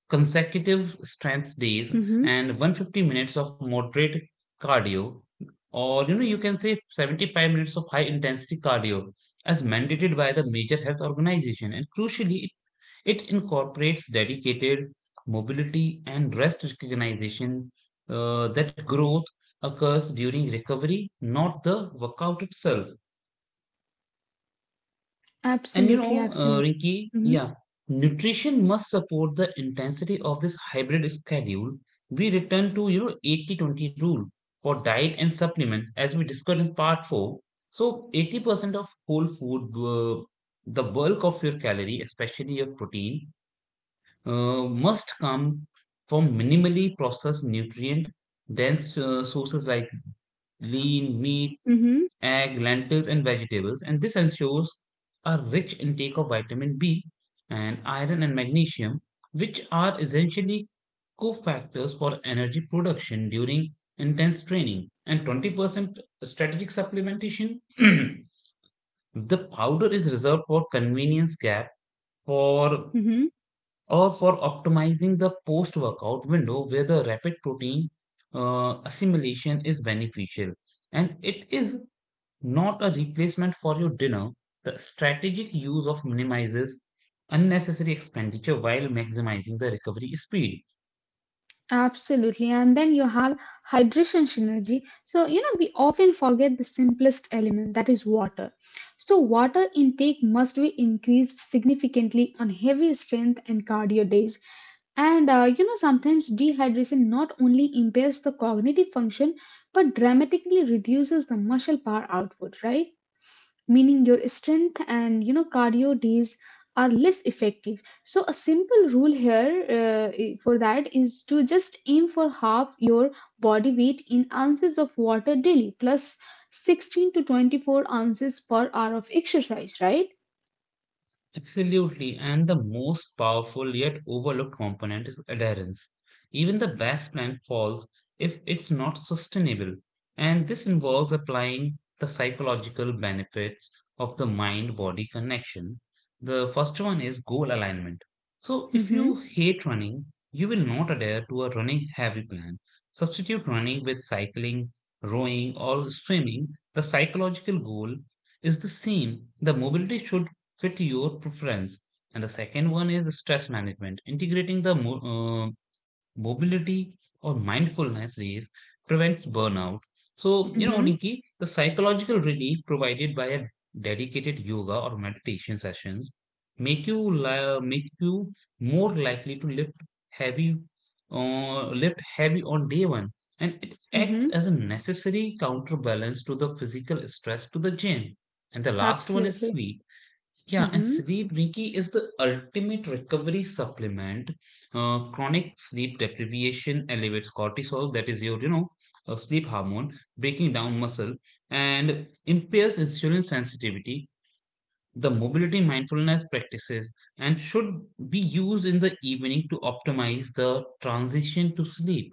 [SPEAKER 1] consecutive strength days
[SPEAKER 2] Mm-hmm.
[SPEAKER 1] and 150 minutes of moderate cardio, or you can say 75 minutes of high intensity cardio as mandated by the major health organization, and crucially it incorporates dedicated mobility and rest recognition, that growth occurs during recovery, not the workout itself. And
[SPEAKER 2] Absolutely, absolutely.
[SPEAKER 1] Rinki,
[SPEAKER 2] Mm-hmm.
[SPEAKER 1] yeah, nutrition must support the intensity of this hybrid schedule. We return to, 80/20 rule for diet and supplements as we discussed in part 4. So 80% of whole food, the bulk of your calorie, especially your protein, must come from minimally processed nutrient dense sources like lean meats,
[SPEAKER 2] Mm-hmm.
[SPEAKER 1] egg, lentils, and vegetables, and this ensures a rich intake of vitamin B and iron and magnesium, which are essentially cofactors for energy production during intense training. And 20% strategic supplementation, *clears throat* the powder is reserved for convenience gap, for
[SPEAKER 2] Mm-hmm.
[SPEAKER 1] for optimizing the post-workout window where the rapid protein assimilation is beneficial, and it is not a replacement for your dinner. The strategic use of minimizes unnecessary expenditure while maximizing the recovery speed.
[SPEAKER 2] Absolutely. And then you have hydration synergy, so we often forget the simplest element, that is water. So water intake must be increased significantly on heavy strength and cardio days. And sometimes dehydration not only impairs the cognitive function but dramatically reduces the muscle power output, right? Meaning your strength and cardio days are less effective. So a simple rule here for that is to just aim for half your body weight in ounces of water daily plus 16 to 24 ounces per hour of exercise, right?
[SPEAKER 1] Absolutely, and the most powerful yet overlooked component is adherence. Even the best plan falls if it's not sustainable, and this involves applying the psychological benefits of the mind body connection. The first one is goal alignment. So, if you
[SPEAKER 2] Mm-hmm,
[SPEAKER 1] hate running, you will not adhere to a running heavy plan. Substitute running with cycling, rowing, or swimming. The psychological goal is the same. The mobility should fit your preference. And the second one is stress management, integrating the mobility or mindfulness days prevents burnout. So, you know,
[SPEAKER 2] mm-hmm,
[SPEAKER 1] Rinki, the psychological relief provided by a dedicated yoga or meditation sessions make you more likely to heavy lift heavy on day one, and it acts
[SPEAKER 2] mm-hmm,
[SPEAKER 1] as a necessary counterbalance to the physical stress to the gym. And the last one is
[SPEAKER 2] absolutely.
[SPEAKER 1] sleep, yeah, and
[SPEAKER 2] Mm-hmm.
[SPEAKER 1] sleep, Nikki, is the ultimate recovery supplement. Chronic sleep deprivation elevates cortisol, that is your, sleep hormone, breaking down muscle, and impairs insulin sensitivity. The mobility mindfulness practices and should be used in the evening to optimize the transition to sleep.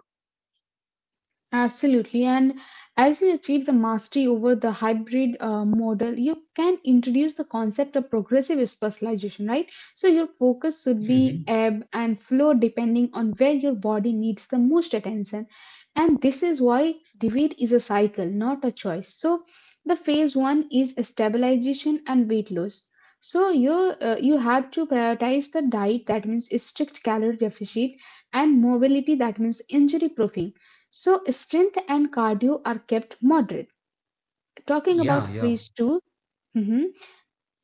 [SPEAKER 2] Absolutely. And as you achieve the mastery over the hybrid model, you can introduce the concept of progressive specialization, right? So your focus should be
[SPEAKER 1] Mhm.
[SPEAKER 2] ebb and flow depending on where your body needs the most attention. And this is why debate is a cycle, not a choice. So the phase one is stabilization and weight loss. So you have to prioritize the diet, that means strict calorie deficit, and mobility, that means injury profi, so strength and cardio are kept moderate. Talking
[SPEAKER 1] Yeah,
[SPEAKER 2] about
[SPEAKER 1] yeah.
[SPEAKER 2] phase 2, mhm,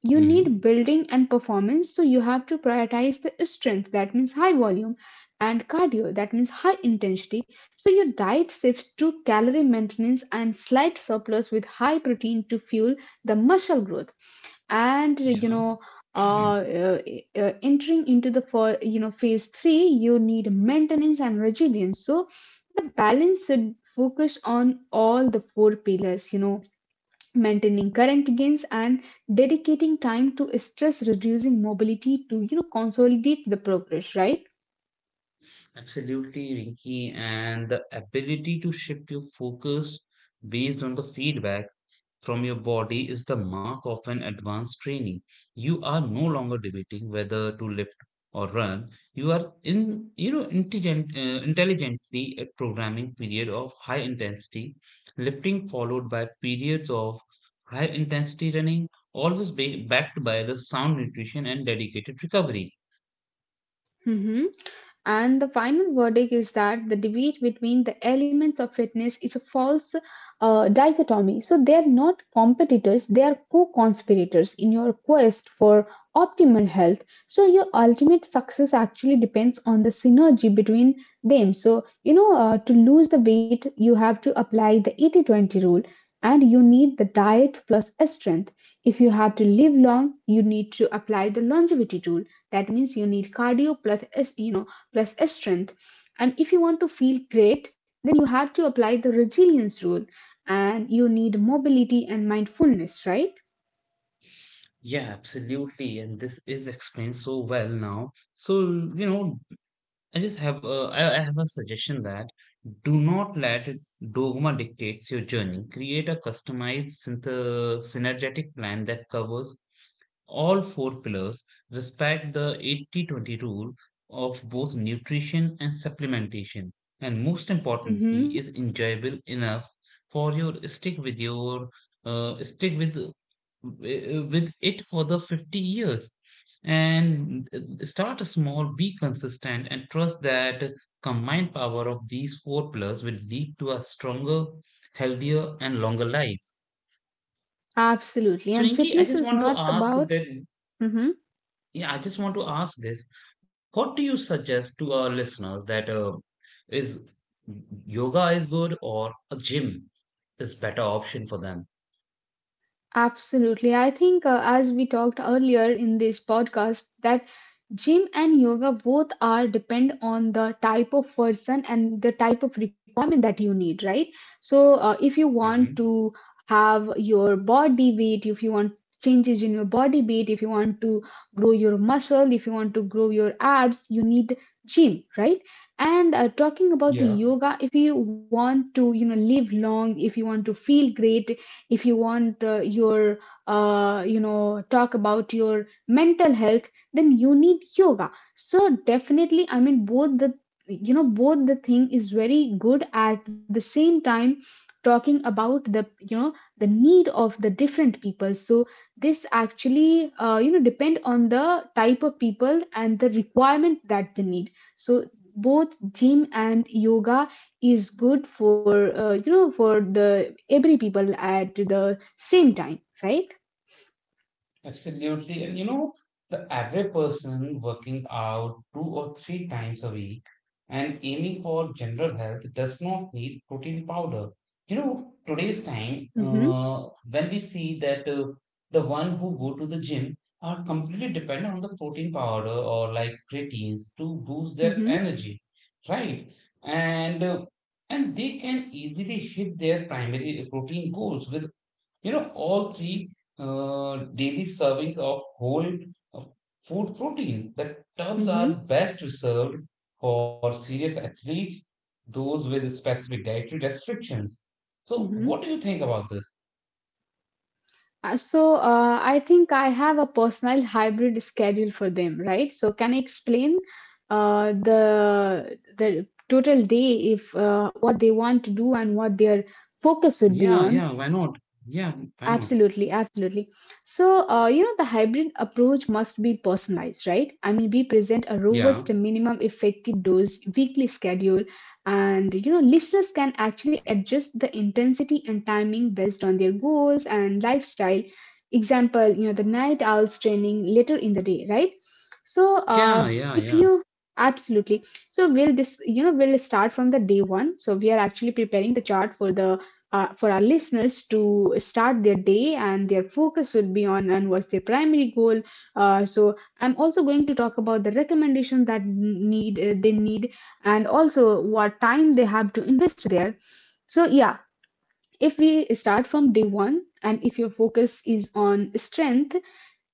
[SPEAKER 2] you need
[SPEAKER 1] Mhm.
[SPEAKER 2] building and performance, so you have to prioritize the strength, that means high volume, and cardio, that means high intensity. So your diet shifts to calorie maintenance and slight surplus with high protein to fuel the muscle growth. And
[SPEAKER 1] Yeah.
[SPEAKER 2] uh,
[SPEAKER 1] *clears throat*
[SPEAKER 2] uh, entering into the for phase three, you need maintenance and resilience, so the balance should focus on all the four pillars, maintaining current gains and dedicating time to stress reducing mobility to consolidate the progress, right?
[SPEAKER 1] Absolutely, Rinki, and the ability to shift your focus based on the feedback from your body is the mark of an advanced training. You are no longer debating whether to lift or run. You are in, intelligently a programming period of high intensity lifting followed by periods of high intensity running, always backed by the sound nutrition and dedicated recovery.
[SPEAKER 2] Mm-hmm. And the final verdict is that the debate between the elements of fitness is a false dichotomy. So they are not competitors, they are co conspirators in your quest for optimal health. So your ultimate success actually depends on the synergy between them. So, to lose the weight, you have to apply the 80-20 rule and you need the diet plus strength. If you have to live long, you need to apply the longevity rule. That means you need cardio plus, you know, plus strength. And if you want to feel great, then you have to apply the resilience rule and you need mobility and mindfulness, right?
[SPEAKER 1] Yeah, absolutely. And this is explained so well now. So, you know, I have a suggestion that do not let dogma dictates your journey. Create a customized synergetic plan that covers all four pillars, respect the 80-20 rule of both nutrition and supplementation, and most importantly,
[SPEAKER 2] Mm-hmm.
[SPEAKER 1] is enjoyable enough for your stick with it for the 50 years and start small, be consistent, and trust that combined power of these four pillars will lead to a stronger, healthier, and longer life.
[SPEAKER 2] Absolutely.
[SPEAKER 1] So,
[SPEAKER 2] And
[SPEAKER 1] Rinki, I
[SPEAKER 2] fitness
[SPEAKER 1] just
[SPEAKER 2] is
[SPEAKER 1] want to
[SPEAKER 2] not
[SPEAKER 1] ask
[SPEAKER 2] about.
[SPEAKER 1] that.
[SPEAKER 2] Mm-hmm.
[SPEAKER 1] Yeah, I just want to ask this. What do you suggest to our listeners that is yoga is good or a gym is better option for them?
[SPEAKER 2] Absolutely. I think, as we talked earlier in this podcast, that gym and yoga both are depend on the type of person and the type of requirement that you need, right? So if you want
[SPEAKER 1] Hmm.
[SPEAKER 2] to have your body weight, if you want changes in your body weight, if you want to grow your muscle, if you want to grow your abs, you need gym, right? And talking about the
[SPEAKER 1] Yeah.
[SPEAKER 2] yoga, if you want to, live long, if you want to feel great, if you want your talk about your mental health, then you need yoga. So definitely, I mean, both the thing is very good. At the same time, talking about the the need of the different people, so this actually depend on the type of people and the requirement that they need. So both gym and yoga is good for for the every people at the same time, right?
[SPEAKER 1] Absolutely. And you know, the average person working out two or three times a week and aiming for general health does not need protein powder. You know, today's time,
[SPEAKER 2] Mm-hmm,
[SPEAKER 1] when we see that the one who go to the gym are completely dependent on the protein powder or like creatines to boost their
[SPEAKER 2] mm-hmm,
[SPEAKER 1] energy, right? And uh, and they can easily hit their primary protein goals with you know, all three daily servings of whole uh, food protein. The tubs are
[SPEAKER 2] mm-hmm,
[SPEAKER 1] best reserved for serious athletes, those with specific dietary restrictions. So,
[SPEAKER 2] mm-hmm.
[SPEAKER 1] what do you think about this?
[SPEAKER 2] I think I have a personal hybrid schedule for them, right? So can I explain the total day if what they want to do and what their focus would be
[SPEAKER 1] Yeah,
[SPEAKER 2] on?
[SPEAKER 1] yeah, why not? Yeah, why not?
[SPEAKER 2] Absolutely, absolutely. So, the hybrid approach must be personalized, right? I mean, we present a
[SPEAKER 1] Yeah,
[SPEAKER 2] robust minimum effective dose weekly schedule, and listeners can actually adjust the intensity and timing based on their goals and lifestyle. Example, the night owls training later in the day, right? so
[SPEAKER 1] yeah, yeah,
[SPEAKER 2] if
[SPEAKER 1] yeah.
[SPEAKER 2] you Absolutely. So we'll this you know We'll start from the day one. So we are actually preparing the chart for the for our listeners to start their day and their focus would be on and what's their primary goal. uh, so I'm also going to talk about the recommendations that need they need, and also what time they have to invest there. So yeah, if we start from day one, and if your focus is on strength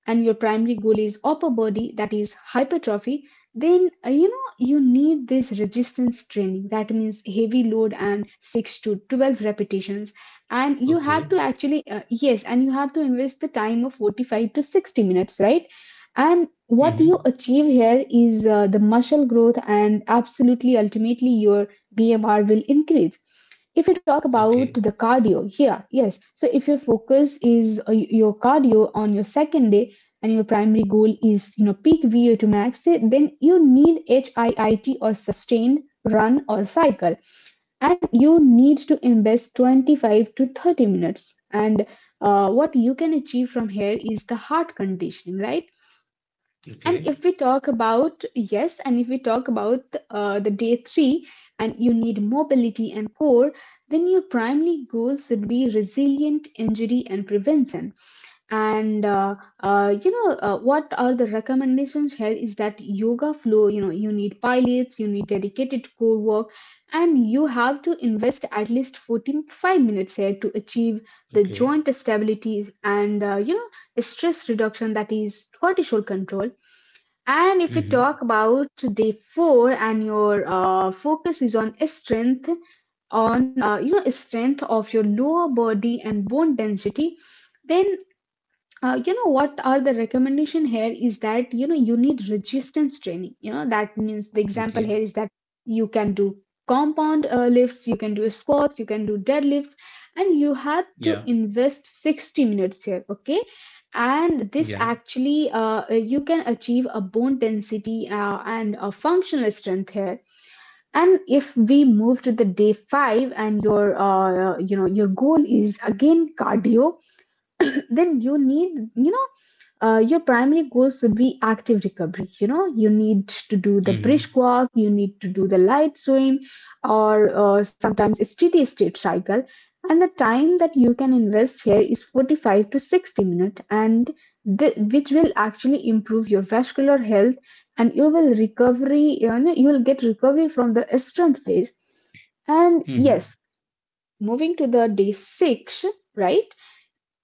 [SPEAKER 2] and your primary goal is upper body, that is hypertrophy, then you need this resistance training, that means heavy load and 6 to 12 repetitions, and you have
[SPEAKER 1] Okay.
[SPEAKER 2] to actually yes, and you have to invest the time of 45 to 60 minutes, right? And what you
[SPEAKER 1] Mm-hmm.
[SPEAKER 2] achieve here is the muscle growth, and absolutely ultimately your BMR will increase. If you talk about
[SPEAKER 1] Okay.
[SPEAKER 2] the cardio here, yes. So if your focus is your cardio on your second day, and your primary goal is peak VO2 max, then you need HIIT or sustained run or cycle, and you need to invest 25 to 30 minutes. And what you can achieve from here is the heart conditioning, right?
[SPEAKER 1] Okay.
[SPEAKER 2] And if we talk about the day three, and you need mobility and core, then your primary goals should be resilient injury and prevention. And what are the recommendations here is that yoga flow, you need pilates, you need dedicated core work, and you have to invest at least 14 to 5 minutes here to achieve the
[SPEAKER 1] Okay.
[SPEAKER 2] joint stability and, stress reduction, that is cortisol control. And if we
[SPEAKER 1] Mm-hmm.
[SPEAKER 2] talk about day 4, and your focus is on strength on strength of your lower body and bone density, then what are the recommendation here is that you need resistance training, that means the example here
[SPEAKER 1] Okay.
[SPEAKER 2] is that you can do compound lifts, you can do squats, you can do deadlifts, and you have to
[SPEAKER 1] Yeah.
[SPEAKER 2] invest 60 minutes here, okay? And this
[SPEAKER 1] Yeah.
[SPEAKER 2] actually you can achieve a bone density and a functional strength here. And if we move to the day 5, and your your goal is again cardio, *coughs* *clears throat* then you need your primary goal should be active recovery. You need to do the
[SPEAKER 1] Mm-hmm.
[SPEAKER 2] brisk walk, you need to do the light swim, or sometimes steady state cycle. And the time that you can invest here is 45 to 60 minutes, and which will actually improve your vascular health, and you will get recovery from the strength phase. And
[SPEAKER 1] Mm-hmm.
[SPEAKER 2] yes, moving to the day 6, right?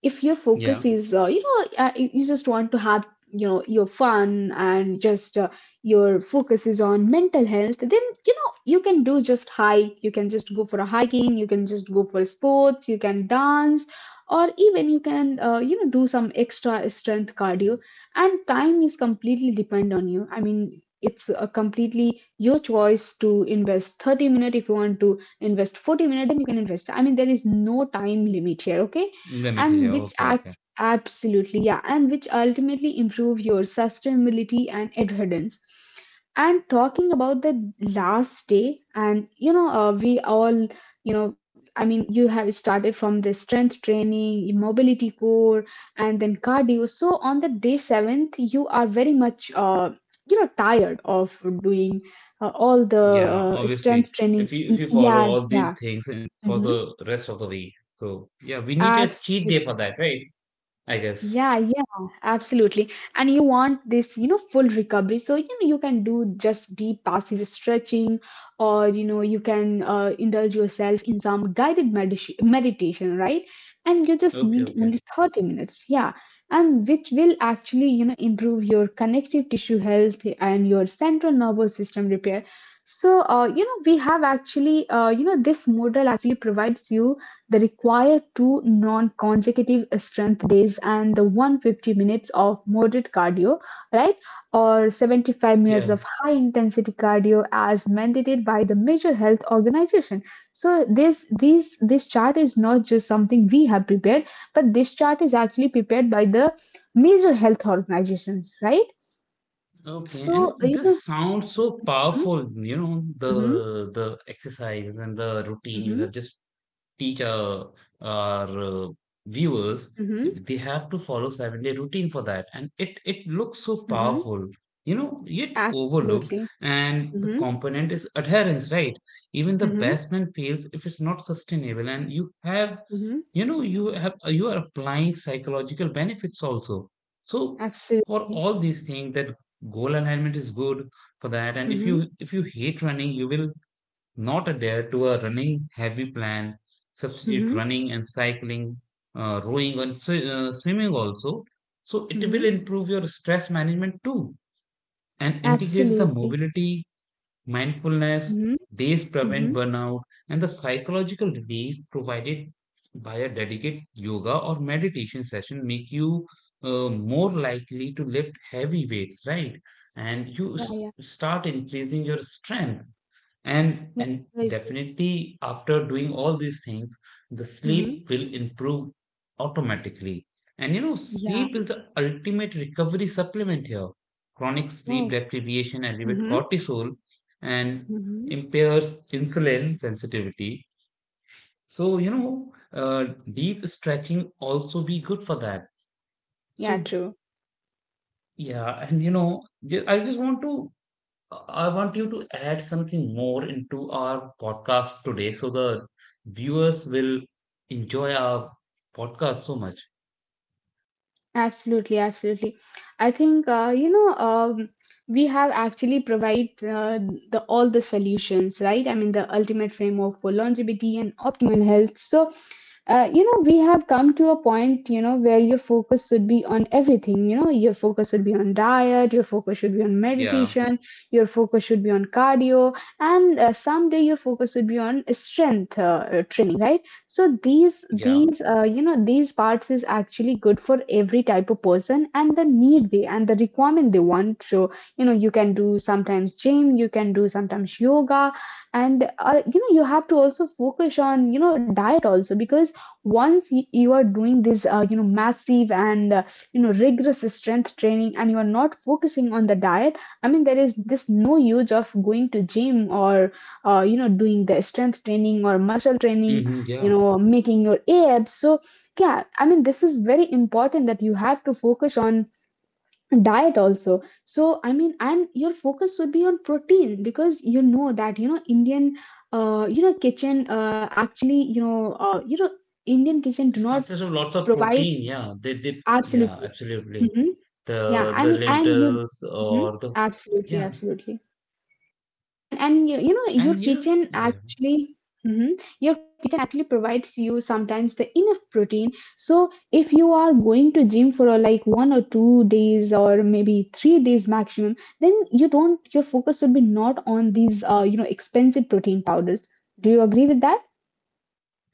[SPEAKER 2] If your focus
[SPEAKER 1] Yeah.
[SPEAKER 2] is, you just want to have your fun, and just your focus is on mental health, then you can do just hike, you can just go for a hiking, you can just go for sports, you can dance, or even you can do some extra strength cardio. And time is completely depend on you. I mean, it's completely your choice to invest 30 minutes. If you want to invest 40 minutes, then you can invest. I mean, there is no time limit here, okay?
[SPEAKER 1] Let me
[SPEAKER 2] and
[SPEAKER 1] tell.
[SPEAKER 2] which
[SPEAKER 1] Okay. Okay.
[SPEAKER 2] act absolutely yeah and which ultimately improve your sustainability and adherence. And talking about the last day, and you know we all you know I mean, you have started from the strength training, mobility core, and then cardio. So on the day 7th, you are very much tired of doing all the
[SPEAKER 1] Yeah,
[SPEAKER 2] strength
[SPEAKER 1] obviously.
[SPEAKER 2] training.
[SPEAKER 1] If you follow
[SPEAKER 2] Yeah,
[SPEAKER 1] all
[SPEAKER 2] yeah,
[SPEAKER 1] these things and for
[SPEAKER 2] hmm.
[SPEAKER 1] the rest of the week. So yeah, we need a cheat day for that, right? I guess.
[SPEAKER 2] Yeah, yeah, absolutely. And you want this, full recovery. So, you can do just deep passive stretching, or, you can indulge yourself in some guided meditation, right? And you just
[SPEAKER 1] Okay,
[SPEAKER 2] need
[SPEAKER 1] okay.
[SPEAKER 2] only 30 minutes. Yeah. And which will actually, improve your connective tissue health and your central nervous system repair. So, we have actually, this model actually provides you they require two non-consecutive strength days and the 150 minutes of moderate cardio, right? Or 75 minutes
[SPEAKER 1] Yeah.
[SPEAKER 2] of high intensity cardio, as mandated by the major health organization. So this chart is not just something we have prepared, but this chart is actually prepared by the major health organizations, right?
[SPEAKER 1] Okay.
[SPEAKER 2] So
[SPEAKER 1] And this sounds so
[SPEAKER 2] mm-hmm,
[SPEAKER 1] powerful, you know, the exercise and the routine you
[SPEAKER 2] mm-hmm,
[SPEAKER 1] have just teacher or viewers
[SPEAKER 2] mm-hmm,
[SPEAKER 1] they have to follow 7-day routine for that and it looks so
[SPEAKER 2] mm-hmm,
[SPEAKER 1] powerful you know yet overlooked
[SPEAKER 2] absolutely,
[SPEAKER 1] and the
[SPEAKER 2] mm-hmm,
[SPEAKER 1] component is adherence, right? Even the
[SPEAKER 2] mm-hmm,
[SPEAKER 1] best man fails if it's not sustainable and you have
[SPEAKER 2] mm-hmm,
[SPEAKER 1] you know you have you are applying psychological benefits also, so for
[SPEAKER 2] absolutely,
[SPEAKER 1] all these things that goal alignment is good for that and if
[SPEAKER 2] Mm-hmm.
[SPEAKER 1] you hate running you will not adhere to a running heavy plan, substitute
[SPEAKER 2] Mhm,
[SPEAKER 1] running and cycling, rowing and swimming also. So it
[SPEAKER 2] mhm.
[SPEAKER 1] will improve your stress management too and integrates the
[SPEAKER 2] Absolutely.
[SPEAKER 1] mobility, mindfulness.
[SPEAKER 2] Mhm,
[SPEAKER 1] These prevent
[SPEAKER 2] mhm.
[SPEAKER 1] burnout and the psychological relief provided by a dedicated yoga or meditation session make you more likely to lift heavy weights, right? And you
[SPEAKER 2] Yeah, yeah.
[SPEAKER 1] s- start increasing your strength,
[SPEAKER 2] Yeah,
[SPEAKER 1] and
[SPEAKER 2] very true.
[SPEAKER 1] definitely after doing all these things the
[SPEAKER 2] Mhm.
[SPEAKER 1] sleep will improve automatically, and you know
[SPEAKER 2] Yeah.
[SPEAKER 1] sleep is the ultimate recovery supplement here. Chronic sleep
[SPEAKER 2] Oh.
[SPEAKER 1] deprivation elevates
[SPEAKER 2] Mhm,
[SPEAKER 1] cortisol and
[SPEAKER 2] mhm.
[SPEAKER 1] impairs insulin sensitivity, so you know deep stretching also be good for that.
[SPEAKER 2] Yeah,
[SPEAKER 1] So
[SPEAKER 2] true.
[SPEAKER 1] yeah, and you know, I just want to, I want you to add something more into our podcast today so the viewers will enjoy our podcast so much.
[SPEAKER 2] Absolutely, absolutely. I think we have actually provide the all the solutions, right? I mean, the ultimate framework for longevity and optimal health. So we have come to a point where your focus should be on everything, your focus should be on diet, your focus should be on
[SPEAKER 1] Yeah,
[SPEAKER 2] meditation, your focus should be on cardio, and someday your focus should be on strength training, right? So these
[SPEAKER 1] yeah,
[SPEAKER 2] these uh, you know these parts is actually good for every type of person and the need they and the requirement they want. So you can do sometimes gym, you can do sometimes yoga, and you have to also focus on diet also, because once you are doing this massive and rigorous strength training, and you are not focusing on the diet. I mean, there is this no use of going to gym, or doing the strength training or muscle training,
[SPEAKER 1] hmm, yeah.
[SPEAKER 2] making your abs. So yeah, I mean, this is very important, that you have to focus on diet also. So I mean, and your focus should be on protein, because that Indian kitchen actually, Indian kitchen
[SPEAKER 1] It
[SPEAKER 2] do not
[SPEAKER 1] consists of lots of
[SPEAKER 2] provide.
[SPEAKER 1] protein, yeah. They yeah,
[SPEAKER 2] Absolutely.
[SPEAKER 1] absolutely.
[SPEAKER 2] Mhm. Yeah,
[SPEAKER 1] The
[SPEAKER 2] I
[SPEAKER 1] the
[SPEAKER 2] mean, and you.
[SPEAKER 1] lentils
[SPEAKER 2] Mhm.
[SPEAKER 1] or the,
[SPEAKER 2] Absolutely,
[SPEAKER 1] yeah.
[SPEAKER 2] absolutely. And you, you know your
[SPEAKER 1] And you know,
[SPEAKER 2] kitchen
[SPEAKER 1] yeah.
[SPEAKER 2] actually. Mhm. Your kitchen actually provides you sometimes the enough protein. So if you are going to gym for like 1 or 2 days, or maybe 3 days maximum, then your focus should be not on these expensive protein powders. Do you agree with that?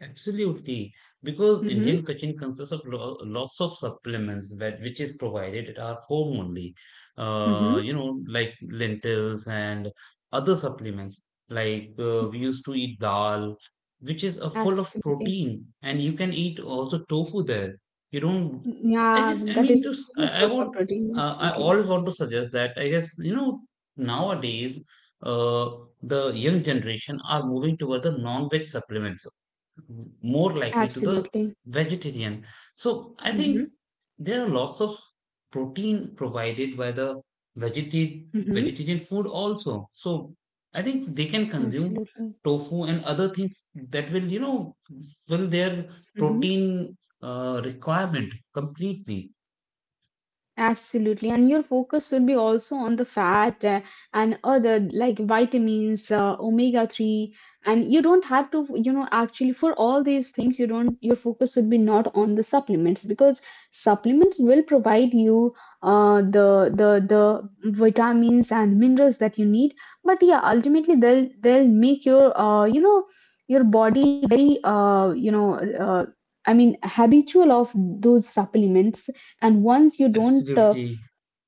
[SPEAKER 1] Absolutely, because
[SPEAKER 2] Mm-hmm.
[SPEAKER 1] Indian cooking consists of lots of supplements that which is provided at our home only.
[SPEAKER 2] Mm-hmm.
[SPEAKER 1] You know, like lentils and other supplements. Like we used to eat dal, which is full of
[SPEAKER 2] Absolutely.
[SPEAKER 1] protein, and you can eat also tofu there. You don't. I
[SPEAKER 2] Yeah,
[SPEAKER 1] just, I
[SPEAKER 2] that is
[SPEAKER 1] mean, just
[SPEAKER 2] a
[SPEAKER 1] I
[SPEAKER 2] source of
[SPEAKER 1] will,
[SPEAKER 2] protein.
[SPEAKER 1] I
[SPEAKER 2] Absolutely,
[SPEAKER 1] always want to suggest that. I guess you know nowadays, uh, the young generation are moving toward the non-veg supplements more likely to the
[SPEAKER 2] absolutely.
[SPEAKER 1] vegetarian. So I think
[SPEAKER 2] Mm-hmm.
[SPEAKER 1] there are lots of protein provided by the
[SPEAKER 2] Mm-hmm.
[SPEAKER 1] vegetarian food also. So I think they can
[SPEAKER 2] Absolutely.
[SPEAKER 1] consume tofu and other things that will, you know, fill their
[SPEAKER 2] Mm-hmm.
[SPEAKER 1] protein requirement completely.
[SPEAKER 2] Absolutely, and your focus should be also on the fat, and other like vitamins, omega 3, and you don't have to, actually, for all these things, your focus should be not on the supplements, because supplements will provide you the the vitamins and minerals that you need, but yeah, ultimately they'll make your body very, uh, I mean, habitual of those supplements. And once you don't,
[SPEAKER 1] Absolutely,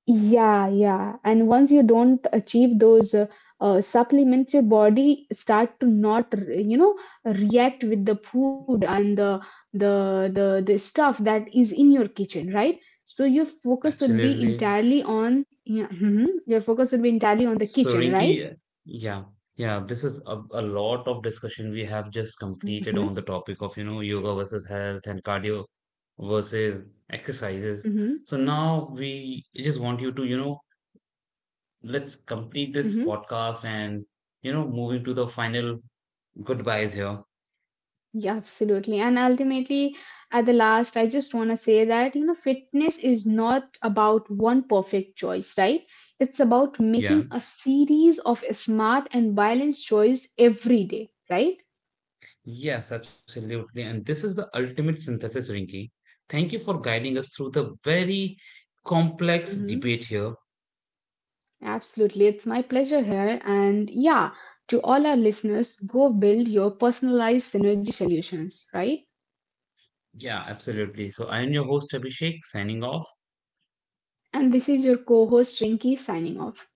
[SPEAKER 2] yeah, yeah, and once you don't achieve those supplements, your body start to not react with the food, and the stuff that is in your kitchen, right? So your focus should be
[SPEAKER 1] absolutely.
[SPEAKER 2] entirely on, yeah, mhm, your focus should be entirely on the
[SPEAKER 1] So,
[SPEAKER 2] kitchen, right?
[SPEAKER 1] Rinki, yeah, yeah, this is a lot of discussion we have just
[SPEAKER 2] Mm-hmm,
[SPEAKER 1] completed on the topic of, you know, yoga versus health and cardio versus exercises.
[SPEAKER 2] mm-hmm,
[SPEAKER 1] So now we just want you to, you know, let's complete this
[SPEAKER 2] mm-hmm.
[SPEAKER 1] podcast and, you know, moving to the final goodbyes here.
[SPEAKER 2] Yeah, absolutely. And ultimately, at the last, I just want to say that, fitness is not about one perfect choice, right? It's about
[SPEAKER 1] Yeah.
[SPEAKER 2] making a series of smart and balanced choice every day, right?
[SPEAKER 1] Yes, absolutely. And this is the ultimate synthesis, Rinki. Thank you for guiding us through the very complex
[SPEAKER 2] Hmm.
[SPEAKER 1] debate here.
[SPEAKER 2] Absolutely. It's my pleasure here. And yeah, to all our listeners, go build your personalized synergy solutions, right?
[SPEAKER 1] Yeah, absolutely. So I am your host Abhishek signing off.
[SPEAKER 2] And this is your co host, Rinki, signing off.